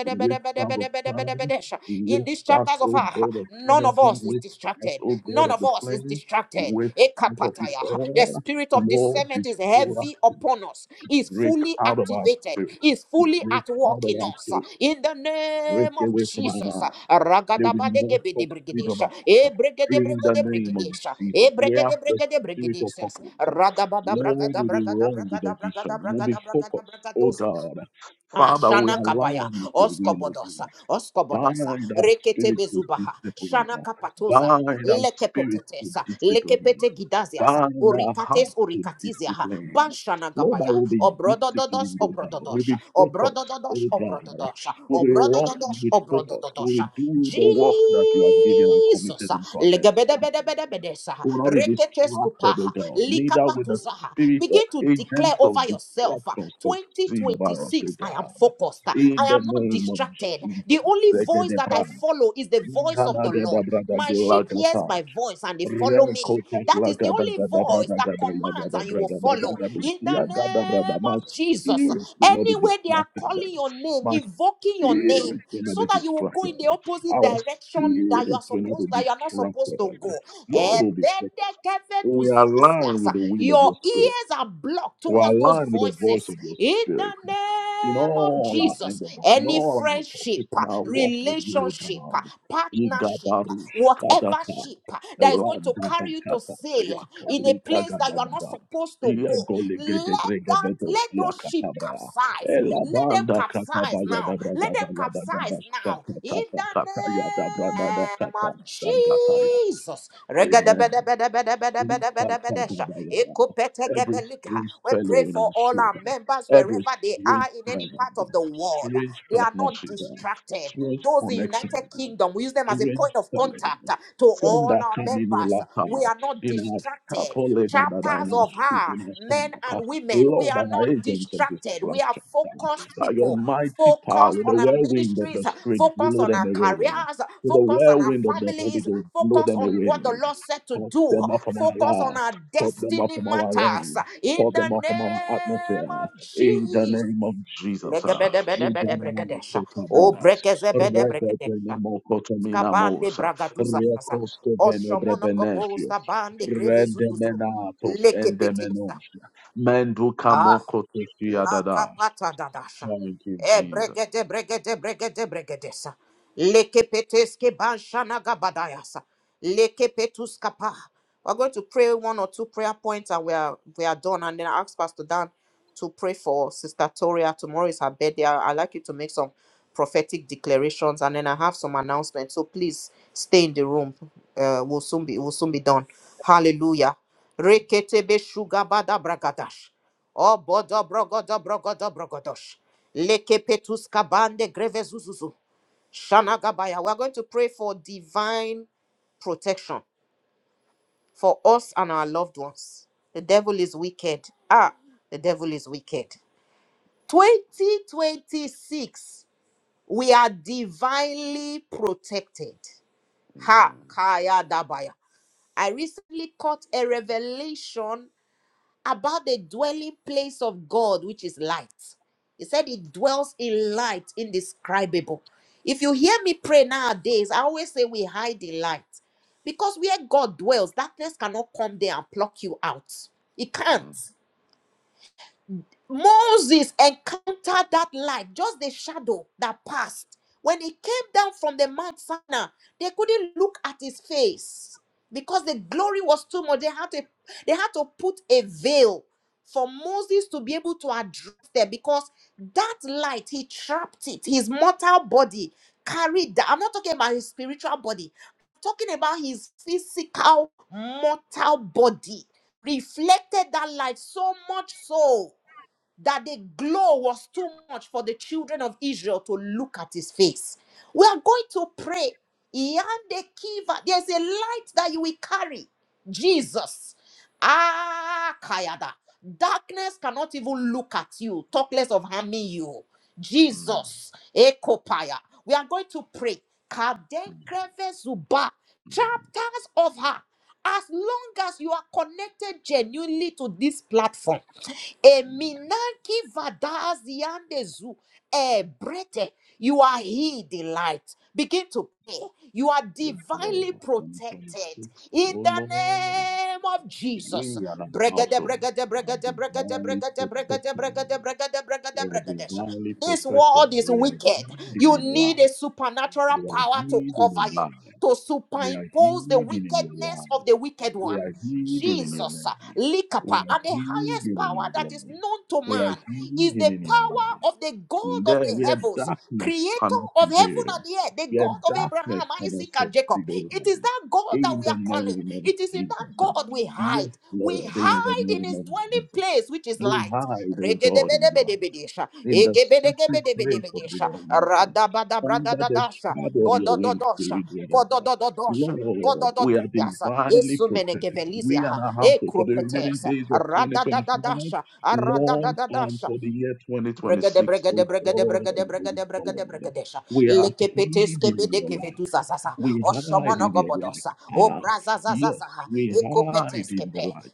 S3: Whisper of fire,
S1: In these
S3: whispers,
S1: chapters of
S3: oh
S1: our,
S3: God of
S1: none of
S3: energy,
S1: us is
S3: whispers,
S1: distracted.
S3: oh God
S1: None
S3: of
S1: of
S3: the
S1: us is
S3: flame,
S1: distracted.
S3: whispers of your
S1: Ekapataya. The
S3: oil.
S1: spirit of
S3: Lord,
S1: discernment is
S3: destroy us,
S1: heavy upon us us, is
S3: break
S1: fully
S3: out of our
S1: activated,
S3: spirit,
S1: is fully
S3: break
S1: at
S3: out
S1: work
S3: of
S1: in
S3: our
S1: us.
S3: spirit,
S1: In the
S3: break
S1: name of
S3: away from our
S1: Jesus.
S3: mind. They will not succeed on
S1: Ragadabadegebedebrigidish,
S3: us. In the name of
S1: ebregedebrigedebrigidish,
S3: Jesus, we have the spirit of
S1: ebregedebrigedebrigidish,
S3: purpose. Lord, we will run with the vision. We'll be focused, oh
S1: radabadabragadabragadabragadabragadabragadabragadosa.
S3: God.
S1: Ah,
S3: Father, we
S1: Shana Kabaya,
S3: align with your will, O God.
S1: Oskobodosa,
S3: Bind
S1: Oskobodosa,
S3: our
S1: Rekete
S3: spirits to
S1: Bezubaha, Shana
S3: discipline.
S1: Kapatoza,
S3: Bind our spirits to
S1: Lekepetetesa,
S3: discipline.
S1: Lekepete Gidaziasa,
S3: Bind our
S1: Urikates
S3: hearts to
S1: Urikatizia,
S3: discipline.
S1: Banshana
S3: Lord, I
S1: Gabaya,
S3: will be
S1: Obrodododos,
S3: disciplined, O God. We'll
S1: Obrododosha,
S3: be focused, O
S1: Obrodododosh,
S3: God.
S1: Obrododosha,
S3: We will run
S1: Obrodododosh,
S3: with focus. We
S1: Obrododosha,
S3: will do the work that you have given and committed
S1: Jesus,
S3: into our hands. O
S1: Legebedebedebedebedesa,
S3: will not be
S1: Reketes
S3: distracted, O
S1: Kupaha,
S3: God. Neither will the
S1: Likapatuzaha,
S3: spirit or
S1: begin to declare
S3: agents of
S1: over yourself uh,
S3: distractions succeed over us, O
S1: 2026 focused. I am
S3: God.
S1: focused. I
S3: In the
S1: am not
S3: name of
S1: distracted.
S3: Jesus.
S1: The only voice that I
S3: Zegedebra,
S1: follow is the voice of the Lord. My sheep hears
S3: Kanagadabragabilagata.
S1: my voice and they
S3: My
S1: follow me. That is the only voice that commands and you will follow. In the name of Jesus,
S3: spirit will not be
S1: anywhere they are
S3: distracted.
S1: calling your name,
S3: My
S1: invoking your name,
S3: spirit will not
S1: so
S3: be
S1: that you will go
S3: distracted.
S1: in the opposite
S3: Our
S1: direction that you are
S3: spirit will not be
S1: supposed that you are not supposed
S3: distracted.
S1: to go.
S3: Lord will be focused. We align with
S1: Ebedekeveduzazias.
S3: the will of your
S1: Your
S3: spirit.
S1: ears are blocked
S3: We
S1: towards those
S3: align with the voice
S1: voices.
S3: of your
S1: In
S3: spirit
S1: the name
S3: in
S1: of
S3: all our
S1: Jesus,
S3: endeavors, in
S1: any
S3: all our
S1: friendship,
S3: pursuits, in
S1: uh,
S3: our walks with you,
S1: relationship, uh,
S3: God.
S1: partnership, uh,
S3: Igabarush
S1: whatever
S3: kadaka,
S1: ship uh, that is going to carry you to
S3: elandabakata,
S1: sail in a
S3: siyakalika
S1: place that you are not
S3: gadagada,
S1: supposed to go, let that
S3: iyagoligedegregededos,
S1: let those ship
S3: siyakatabra,
S1: capsize. Let them
S3: elabanda
S1: capsize now. Let them capsize now. In the name
S3: katabayadabradabadabadabashakatakatayadabradadakata,
S1: of
S3: sagataya.
S1: Jesus.
S3: Amen. Every
S1: Regadabedabedabedabedabedabedabedesha. Ekopetegebeliga.
S3: strange
S1: We
S3: fellow
S1: pray
S3: in our
S1: for all our
S3: children,
S1: members wherever
S3: every
S1: they are
S3: strange
S1: are in any part of
S3: presence,
S1: the world,
S3: strange
S1: they are not
S3: partnership, uh,
S1: distracted.
S3: strange
S1: Those in
S3: connection.
S1: United Kingdom, we use them as a
S3: Ren
S1: point of
S3: Salem.
S1: contact uh, to all
S3: Senda
S1: our members.
S3: that Lapa
S1: We are not
S3: in our
S1: distracted.
S3: Capole and
S1: Chapters
S3: in our
S1: of
S3: soup,
S1: her,
S3: in our
S1: men
S3: stomach.
S1: and women, we
S3: Lord,
S1: are
S3: and our
S1: not
S3: agents of
S1: distracted. We are
S3: destruction.
S1: focused
S3: By your
S1: people,
S3: mighty power,
S1: focused
S3: with the
S1: on our
S3: whirlwind of
S1: ministries,
S3: the
S1: uh,
S3: Spirit,
S1: focused
S3: blow
S1: on
S3: them
S1: our
S3: away.
S1: careers, uh,
S3: With the
S1: focused on our
S3: whirlwind of the Holy
S1: families,
S3: Ghost, blow
S1: focused
S3: them
S1: on
S3: away.
S1: what the Lord said to
S3: Cut
S1: do,
S3: them off from our
S1: focus on
S3: life,
S1: our
S3: Cut them off
S1: destiny
S3: from our
S1: matters.
S3: reign.
S1: uh, In
S3: Cut
S1: the
S3: them off from our
S1: name
S3: atmosphere.
S1: of
S3: In the
S1: Jesus.
S3: name of Jesus. ah.
S1: Legabede bede bede
S3: In the name of
S1: Legebedebedebedebregadesha.
S3: God,
S1: O
S3: ah.
S1: brekeze bede brekezebedebregadesha. Skabande
S3: Reketenemokotominamosa.
S1: bragaduza sasa. Oshomono gobo
S3: Rekostovenobrabenetio.
S1: skabande greve zuzuzu.
S3: Rendemenatos
S1: Lekepetesa.
S3: endemenosia.
S1: Ah, la
S3: Mendukamokotofiadada.
S1: capata dadasha.
S3: Thank you,
S1: E
S3: Jesus.
S1: bregede bregede bregede bregedesa. Leke peteske banshana gabadayasa. Leke petuska pa. We're going to pray one or two prayer points and we are we are done. And then I ask Pastor Dan to pray for Sister Toria. Tomorrow is her birthday. I- I'd like you to make some prophetic declarations and then I have some announcements. So please stay in the room. Uh, we'll soon be we'll soon be done. Hallelujah. Rekete be shugabada bragadash. O bodo brogodo brogodo brogodosh. Leke petus kabande greve zuzuzu. Shanagabaya. We're going to pray for divine protection for us and our loved ones. The devil is wicked. Ah, the devil is wicked. 2026, we are divinely protected. Ha,
S3: Amen.
S1: kaya dabaya. I recently caught a revelation about the dwelling place of God, which is light. He said it dwells in light indescribable. If you hear me pray nowadays, I always say we hide in light. Because where God dwells, darkness cannot come there and pluck you out. It
S3: Mm,
S1: can't. Moses encountered that light, just the shadow that passed. When he came down from the Mount Sinai, they couldn't look at his face because the glory was too much. They had to, they had to put a veil for Moses to be able to address them because that light, he trapped it. His mortal body carried that. I'm not talking about his spiritual body, I'm talking about his physical mortal body. Reflected that light so much so that the glow was too much for the children of Israel to look at his face. We are going to pray. Yande kiva. There's a light that you will carry, Jesus. Ah, Kayada. Darkness cannot even look at you, talk less of harming you.
S3: mm,
S1: Jesus, Ekopaya. We are going to pray.
S3: mm.
S1: Kadenkreve zuba Chapters of her. As long as you are connected genuinely to this platform, Eminanki vadaziandezu. yandezu ebrete. You are He delight. Begin to pray. You are
S3: Yes, Lord.
S1: divinely protected
S3: 2026.
S1: in
S3: Oh,
S1: the
S3: Lord,
S1: name of Jesus.
S3: we are our
S1: Bregade,
S3: household
S1: bregade,
S3: are
S1: bregade, bregade,
S3: divinely
S1: bregade, bregade,
S3: protected.
S1: bregade, bregade, bregade,
S3: We are
S1: bregade.
S3: divinely
S1: This
S3: protected.
S1: world is
S3: We are
S1: wicked.
S3: hidden
S1: You
S3: in
S1: need a
S3: life.
S1: supernatural
S3: We are
S1: power to
S3: hidden in
S1: cover you,
S3: life.
S1: to
S3: We are
S1: superimpose the
S3: hidden in your
S1: wickedness of
S3: light.
S1: the wicked
S3: We
S1: one.
S3: are hidden in your
S1: Jesus,
S3: name.
S1: uh,
S3: We
S1: Likapa,
S3: are
S1: and the
S3: hidden
S1: highest
S3: in
S1: power
S3: your
S1: that is
S3: glory.
S1: known to
S3: We are
S1: man is
S3: hidden
S1: the
S3: in your
S1: power
S3: light.
S1: of the God of
S3: There
S1: the
S3: where
S1: heavens,
S3: darkness
S1: creator
S3: cannot
S1: of heaven
S3: prevail,
S1: and the earth, the
S3: where
S1: God of Abraham,
S3: darkness cannot
S1: Isaac, and Jacob.
S3: succeed over
S1: It is
S3: you.
S1: that God that
S3: In
S1: we
S3: the
S1: are calling.
S3: name of
S1: It is in
S3: Jesus.
S1: that God we
S3: Yes,
S1: hide. We
S3: Lord, in the
S1: hide in
S3: name
S1: his
S3: of
S1: dwelling
S3: Jesus.
S1: place, which is
S3: We
S1: light.
S3: hide, O God, in you
S1: Regedebedebedebedesha.
S3: in the secret place of the
S1: Egebedegebedebedebedesha.
S3: Almighty. Under the
S1: Radabadabradadadasha.
S3: shadow of your wings, we
S1: Bodododosha.
S3: will be ever.
S1: Bododododosha.
S3: Lord, we are
S1: Bodododuyasa.
S3: divinely protected. We and
S1: Esumenegeveliziaha.
S3: our household for the remaining
S1: Ekropetesa.
S3: days of 2025,
S1: Radadadadasha.
S3: Lord, and
S1: Aradadadadasha.
S3: for the year
S1: Brigade,
S3: 2026,
S1: brigade,
S3: O
S1: brigade,
S3: God
S1: brigade,
S3: and going
S1: brigade, brigade,
S3: forward.
S1: brigadesha.
S3: We are
S1: Leke
S3: hid
S1: peteske
S3: in
S1: bede
S3: your
S1: gevedu
S3: light.
S1: zazaza.
S3: We hide
S1: Oshomono
S3: in your
S1: gobodosa.
S3: light.
S1: O
S3: Ah,
S1: braza
S3: yes,
S1: zazaza.
S3: we
S1: Eko
S3: hide
S1: peteske
S3: in the
S1: pe.
S3: light.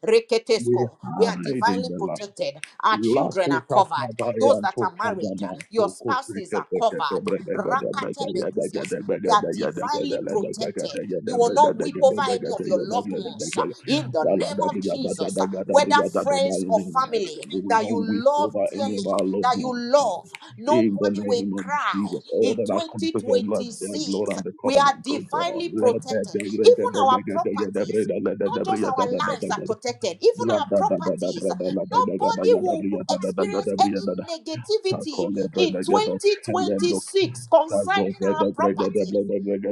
S3: We
S1: Reketesko. We are
S3: hide in
S1: divinely
S3: the light.
S1: protected. Our
S3: La
S1: children are
S3: kuta
S1: covered.
S3: kaba
S1: Those that
S3: to
S1: are
S3: kada
S1: married, your
S3: boko
S1: spouses
S3: seke
S1: are
S3: seke te
S1: covered.
S3: brega da da brega
S1: Rakate
S3: ya da da
S1: beduzias.
S3: da
S1: They
S3: brega
S1: are
S3: da ya da da da
S1: divinely
S3: brega
S1: protected. You will
S3: brega
S1: not weep over
S3: brega
S1: any of your loved
S3: brega da
S1: ones uh,
S3: da
S1: in the name of
S3: brega da da
S1: Jesus,
S3: da
S1: uh,
S3: da da
S1: whether
S3: brega da da da
S1: friends or
S3: amen.
S1: family
S3: We will
S1: that you
S3: not weep
S1: love
S3: over any of
S1: dearly,
S3: our loved
S1: that you
S3: ones.
S1: love.
S3: In the
S1: Nobody will
S3: name of
S1: cry
S3: Jesus, all
S1: in
S3: that are coming to the blood, the blood
S1: 2026.
S3: and the
S1: We are
S3: covenant of God.
S1: divinely
S3: Let that
S1: protected.
S3: da brega
S1: Even
S3: da
S1: our
S3: brega da ya da
S1: properties,
S3: brega da
S1: not just
S3: brega
S1: our lives are protected, even our properties. Nobody will experience any negativity in 2026 concerning our properties.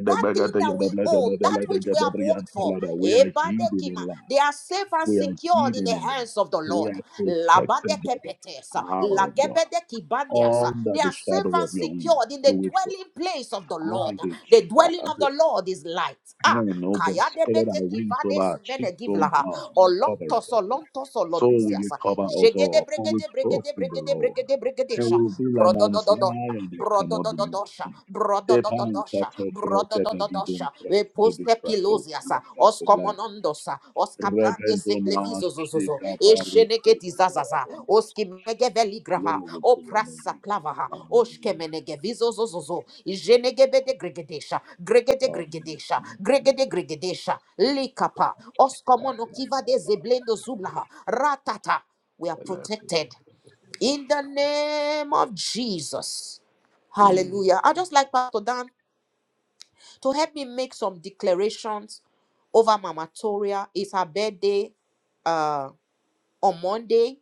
S1: That thing that we own, that which we have worked for,
S3: we are hidden
S1: Ebadekima,
S3: in
S1: they
S3: life.
S1: are safe and
S3: We are
S1: secured in
S3: hidden
S1: the
S3: in life.
S1: hands of the
S3: We
S1: Lord.
S3: are protected by the
S1: Labadekepetes,
S3: power of God.
S1: lagebedekibandias,
S3: Under
S1: They
S3: the
S1: are
S3: shadow
S1: safe and
S3: of your
S1: secured in
S3: wings,
S1: the
S3: do it for us.
S1: dwelling place of the Lord.
S3: As a,
S1: The dwelling
S3: as
S1: of the Lord is light. Ah,
S3: and oh, the
S1: Kaya de
S3: spread thy
S1: bete
S3: wings over
S1: kivade
S3: our cheeks,
S1: sumene
S3: O
S1: givlaha.
S3: God, cover
S1: Olontos,
S3: them.
S1: olontos,
S3: So will
S1: oloduzias.
S3: you cover us
S1: Jegede
S3: all, for we
S1: bregede
S3: trust
S1: bregede
S3: in the
S1: bregede
S3: Lord.
S1: bregede
S3: And
S1: bregedesha.
S3: will be like Mount
S1: Brododododo
S3: Zion that cannot be
S1: brodododosha,
S3: moved. The bank that
S1: brodododosha,
S3: operated by the don't
S1: brodododosha,
S3: trust to be
S1: reposte
S3: trust of you
S1: pilosiasa,
S3: and the land.
S1: oskomonondosa, oskapande
S3: Rebendona,
S1: seglevizozozozo,
S3: Shiga, Barus,
S1: esheneketizazaza, oskimegeveligraha,
S3: Glory to your name.
S1: oprasaklavaha,
S3: Hallelujah.
S1: oshkemenegevizozozozo, ijenegebedegregedesha,
S3: Hallelujah.
S1: gregedegregedesha, gregedegregedesha, likapa,
S3: Hallelujah.
S1: oskomonokiva de zeblendo zublaha, ratata. We are
S3: Hallelujah.
S1: protected in the name of Jesus.
S3: Amen.
S1: Hallelujah. I'd just like Pastor Dan to help me make some declarations over Mama Toria. It's her birthday uh, on Monday.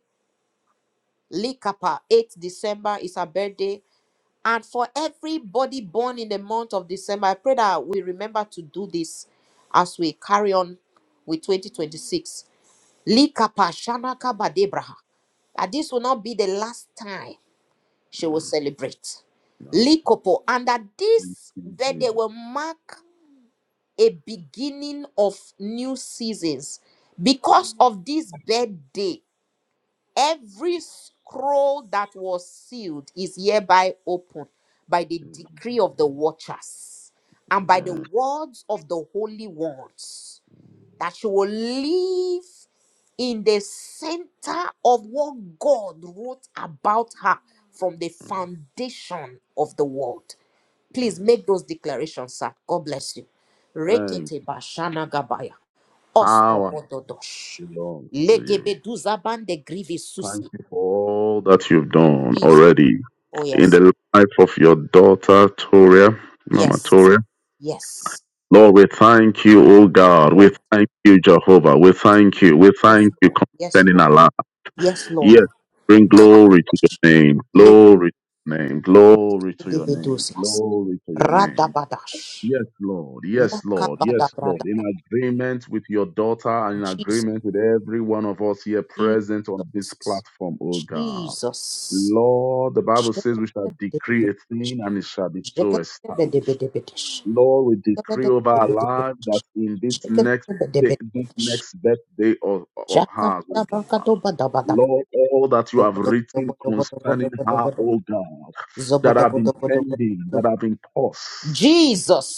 S1: Likapa, 8th December is her birthday. And for everybody born in the month of December, I pray that we remember to do this as we carry on with 2026. Likapa, Shanaka Badebraha. That this will not be the last time she will
S3: Mm,
S1: celebrate.
S3: No.
S1: Likopo. And that
S3: Thank
S1: this
S3: you,
S1: birthday
S3: Jesus.
S1: will mark a beginning of new seasons. Because of this birthday, every scroll that was sealed is hereby opened by the decree of the watchers and by the
S3: Amen.
S1: words of the holy ones that you will live in the center of what God wrote about her from the
S3: Mm,
S1: foundation of the world. Please
S3: Yes.
S1: make those declarations, sir. God bless you.
S3: Thank
S1: Rekete
S3: you.
S1: bashana gabaya. Osko
S3: Power
S1: Oskobododosh.
S3: belongs to you.
S1: Legebeduzabande grivi
S3: Thank
S1: susi.
S3: you for all that you've done
S1: Jesus.
S3: already
S1: Oh,
S3: in
S1: yes.
S3: the life of your daughter, Toria, Mama
S1: Yes.
S3: Toria.
S1: Yes.
S3: Lord, we thank you, O
S1: Yes,
S3: God.
S1: Lord.
S3: We thank you, Jehovah. We thank you. We
S1: Yes, yes,
S3: thank you
S1: Lord. Yes,
S3: concerning
S1: Lord.
S3: our life.
S1: Yes, Lord.
S3: Yes, bring
S1: Ka-
S3: glory to your name.
S1: lege-
S3: Glory to your name. Glory to your name.
S1: legebedebedozias.
S3: Glory to your name.
S1: Radabadash.
S3: Yes, Lord. Yes, Lord. Yes, Lord. In
S1: Lakabadabradadash.
S3: agreement with your daughter and in
S1: Jesus.
S3: agreement with every one of us here present on this
S1: Jesus.
S3: platform, oh God.
S1: Jesus.
S3: Lord, the Bible says we shall decree a
S1: Jekabedebedebedish.
S3: thing and it shall be so established.
S1: Jekabedebedebedish.
S3: Lord, we decree over our lives that in this next day, this
S1: Jekabedebedebedish.
S3: next birthday of, of hers, oh God.
S1: Jakabadabrakadobadabadaba.
S3: Lord, all that you have written concerning her,
S1: Zobodobodobodobodobodobodobodobodobodobodobod.
S3: oh God, that have been pending, that
S1: Zobodobodobodobodobodobod.
S3: have been paused.
S1: Jesus.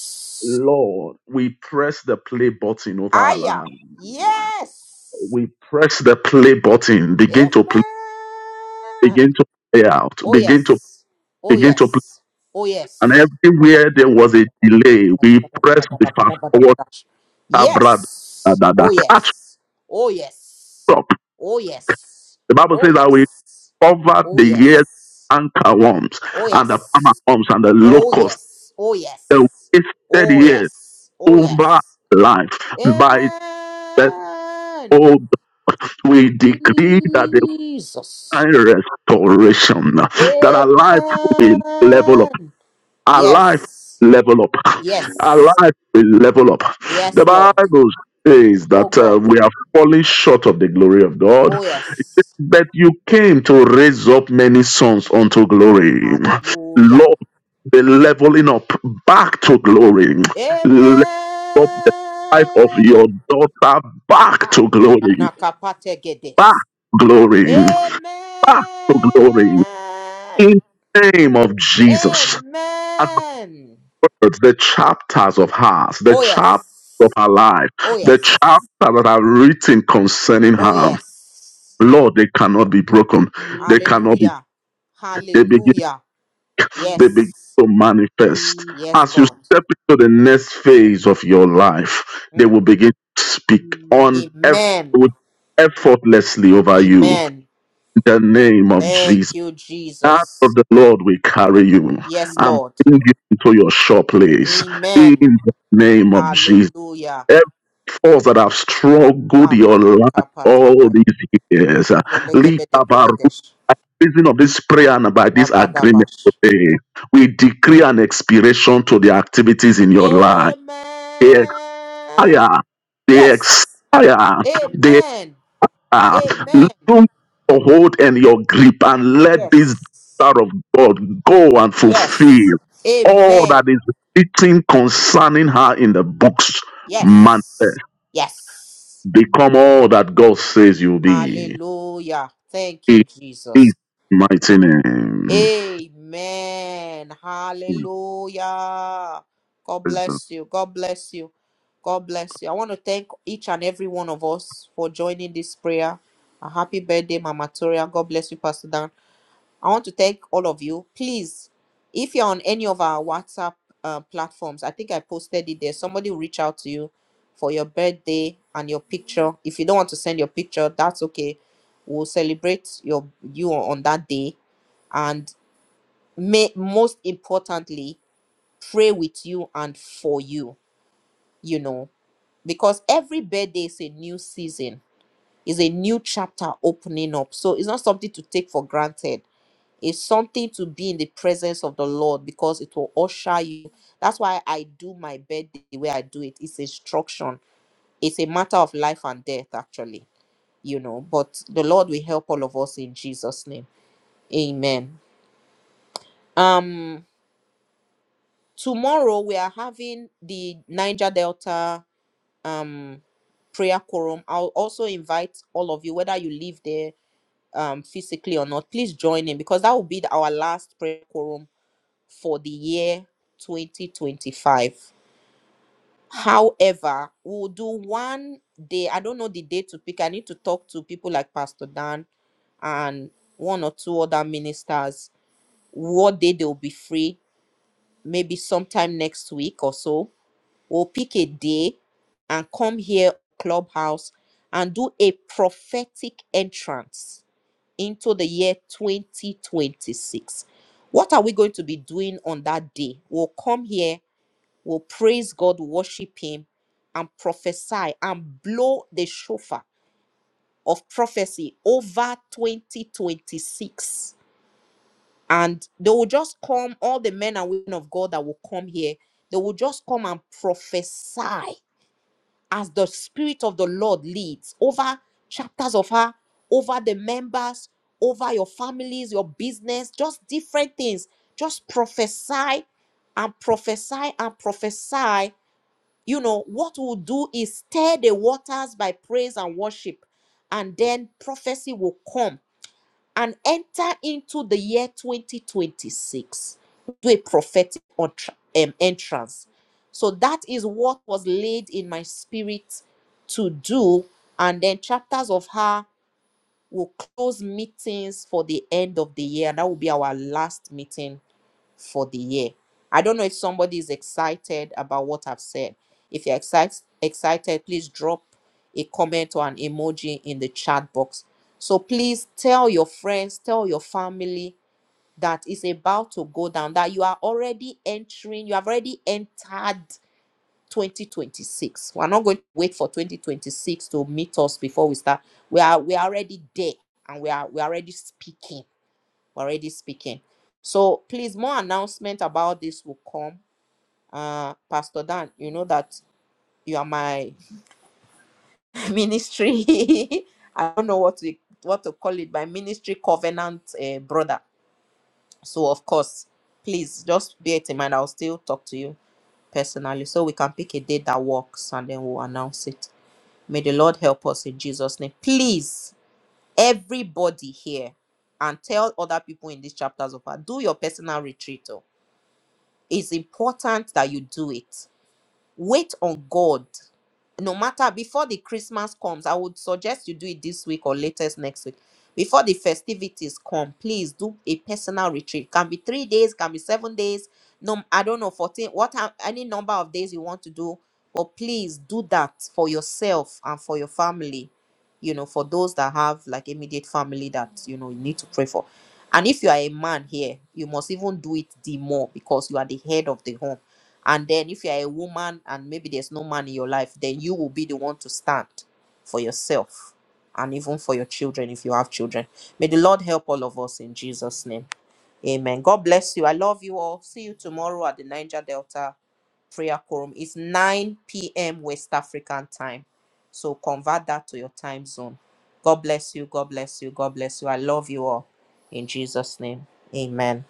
S3: Lord, we press the play button over our
S1: Aya.
S3: life.
S1: Yes.
S3: We press the play button. Begin to play,
S1: Amen.
S3: begin to play out,
S1: Oh
S3: begin to
S1: yes. Oh
S3: begin to play.
S1: yes. Oh
S3: And
S1: yes.
S3: everywhere there was a delay, we press the fast forward tablet that,
S1: Yes.
S3: that,
S1: Oh
S3: that catch
S1: yes. Oh yes.
S3: up.
S1: Oh yes.
S3: The Bible
S1: Oh
S3: says that we
S1: yes.
S3: covered
S1: Oh
S3: the years
S1: yes.
S3: anchor worms
S1: Oh
S3: and the palmer
S1: yes.
S3: worms and the
S1: Oh
S3: locust,
S1: yes. Oh
S3: the
S1: yes.
S3: wasted
S1: Oh
S3: years
S1: yes. Oh
S3: over
S1: yes.
S3: life by the
S1: Amen.
S3: Old, we decree that the
S1: Jesus.
S3: divine restoration that our life will level up.
S1: Amen.
S3: Our life
S1: Yes.
S3: level up. Our
S1: Yes.
S3: life will level up.
S1: Yes,
S3: The
S1: Lord.
S3: Bible says
S1: Oh
S3: that uh,
S1: God.
S3: we are falling short of the glory of God,
S1: Oh yes.
S3: but you came to raise up many sons unto glory.
S1: Hallelujah.
S3: Lord, the leveling up back to glory. Level up the life of your
S1: Amen.
S3: daughter back
S1: Ha.
S3: to glory. Back
S1: Shanakapategedes.
S3: to glory. Back to glory
S1: Amen.
S3: in the name of Jesus. And
S1: Amen.
S3: the words, the chapters of hers, the
S1: Oh
S3: chapters of
S1: yes.
S3: her life,
S1: Oh
S3: the
S1: yes.
S3: chapters that are written concerning
S1: Oh
S3: her,
S1: yes.
S3: Lord, they cannot be broken. They cannot be.
S1: Hallelujah.
S3: They begin.
S1: Hallelujah.
S3: They begin
S1: Yes.
S3: to manifest
S1: Yes,
S3: as you
S1: God.
S3: step into the next phase of your life. They
S1: Mm.
S3: will begin to speak on eff-
S1: Amen.
S3: with effortlessly over you.
S1: Amen.
S3: In the name of Jesus.
S1: Thank you,
S3: Hand
S1: Jesus.
S3: of the Lord will carry you
S1: Yes,
S3: and
S1: Lord.
S3: bring you into your sure place in
S1: Amen.
S3: the name of Jesus.
S1: Hallelujah.
S3: Every force that have struggled your life all
S1: Kamanakapatabaya.
S3: these years, uh, leap about
S1: Zelegebedebegedesh.
S3: reason of this prayer and by this agreement
S1: Dabadabash.
S3: today, we decree an expiration to the activities in your life. They expire.
S1: Amen.
S3: They
S1: Yes.
S3: expire
S1: Amen.
S3: are.
S1: Amen.
S3: Loosen your hold and your grip and let this
S1: Yes.
S3: daughter of God go and fulfill
S1: Yes.
S3: all that
S1: Amen.
S3: is written concerning her in the books. Man,
S1: Yes. Yes.
S3: become all that God says you'll be.
S1: Hallelujah. Thank you,
S3: In
S1: Jesus.
S3: His mighty name.
S1: Amen. Hallelujah. God
S3: Praise the
S1: bless you. God bless you. God bless you. I want to thank each and every one of us for joining this prayer. A happy birthday, Mama Toria. God bless you, Pastor Dan. I want to thank all of you. Please, if you're on any of our WhatsApp uh, platforms, I think I posted it there. Somebody will reach out to you for your birthday and your picture. If you don't want to send your picture, that's okay. We'll celebrate your you on that day and may most importantly pray with you and for you you know because every birthday is a new season is a new chapter opening up so it's not something to take for granted it's something to be in the presence of the lord because it will usher you that's why i do my birthday the way i do it it's instruction it's a matter of life and death actually you know but the lord will help all of us in jesus name amen um tomorrow we are having the niger delta um prayer quorum i'll also invite all of you whether you live there um physically or not please join in because that will be our last prayer quorum for the year 2025 however we'll do one day i don't know the day to pick i need to talk to people like pastor dan and one or two other ministers what day they'll be free maybe sometime next week or so We'll pick a day and come here, Clubhouse, and do a prophetic entrance into the year 2026. What are we going to be doing on that day? We'll come here, we'll praise God, worship Him, and prophesy and blow the shofar of prophecy over 2026. And they will just come, all the men and women of God that will come here, they will just come and prophesy as the Spirit of the Lord leads over chapters of her, over the members, over your families, your business, just different things. Just prophesy and prophesy and prophesy. You know, what we'll do is stir the waters by praise and worship, and then prophecy will come and enter into the year 2026 Do a prophetic um, entrance. So that is what was laid in my spirit to do. And then chapters of her will close meetings for the end of the year. That will be our last meeting for the year. I don't know if somebody is excited about what I've said. If you're excited, excited, please drop a comment or an emoji in the chat box. So please tell your friends, tell your family that it's about to go down, that you are already entering, you have already entered 2026. We're not going to wait for 2026 to meet us before we start. We are we are already there and we are we are already speaking already speaking. So please, more announcement about this will come. Uh, Pastor Dan, you know that you are my [laughs] ministry. [laughs] I don't know what to what to call it. My ministry covenant uh, brother. So of course, please just bear it in mind. I'll still talk to you personally so we can pick a date that works and then we'll announce it. May the Lord help us in Jesus' name. Please, everybody here, and tell other people in these chapters of her, do your personal retreat. Oh, it's important that you do it wait on god no matter before the christmas comes i would suggest you do it this week or latest next week before the festivities come please do a personal retreat can be three days can be seven days no i don't know 14 what am- any number of days you want to do but please do that for yourself and for your family you know for those that have like immediate family that you know you need to pray for and if you are a man here you must even do it the more because you are the head of the home and then if you're a woman and maybe there's no man in your life, then you will be the one to stand for yourself and even for your children if you have children. May the Lord help all of us in Jesus' name. Amen. God bless you. I love you all. See you tomorrow at the Niger Delta Prayer Quorum. It's 9 p.m. West African time. So convert that to your time zone. God bless you. God bless you. God bless you. I love you all in Jesus' name. Amen.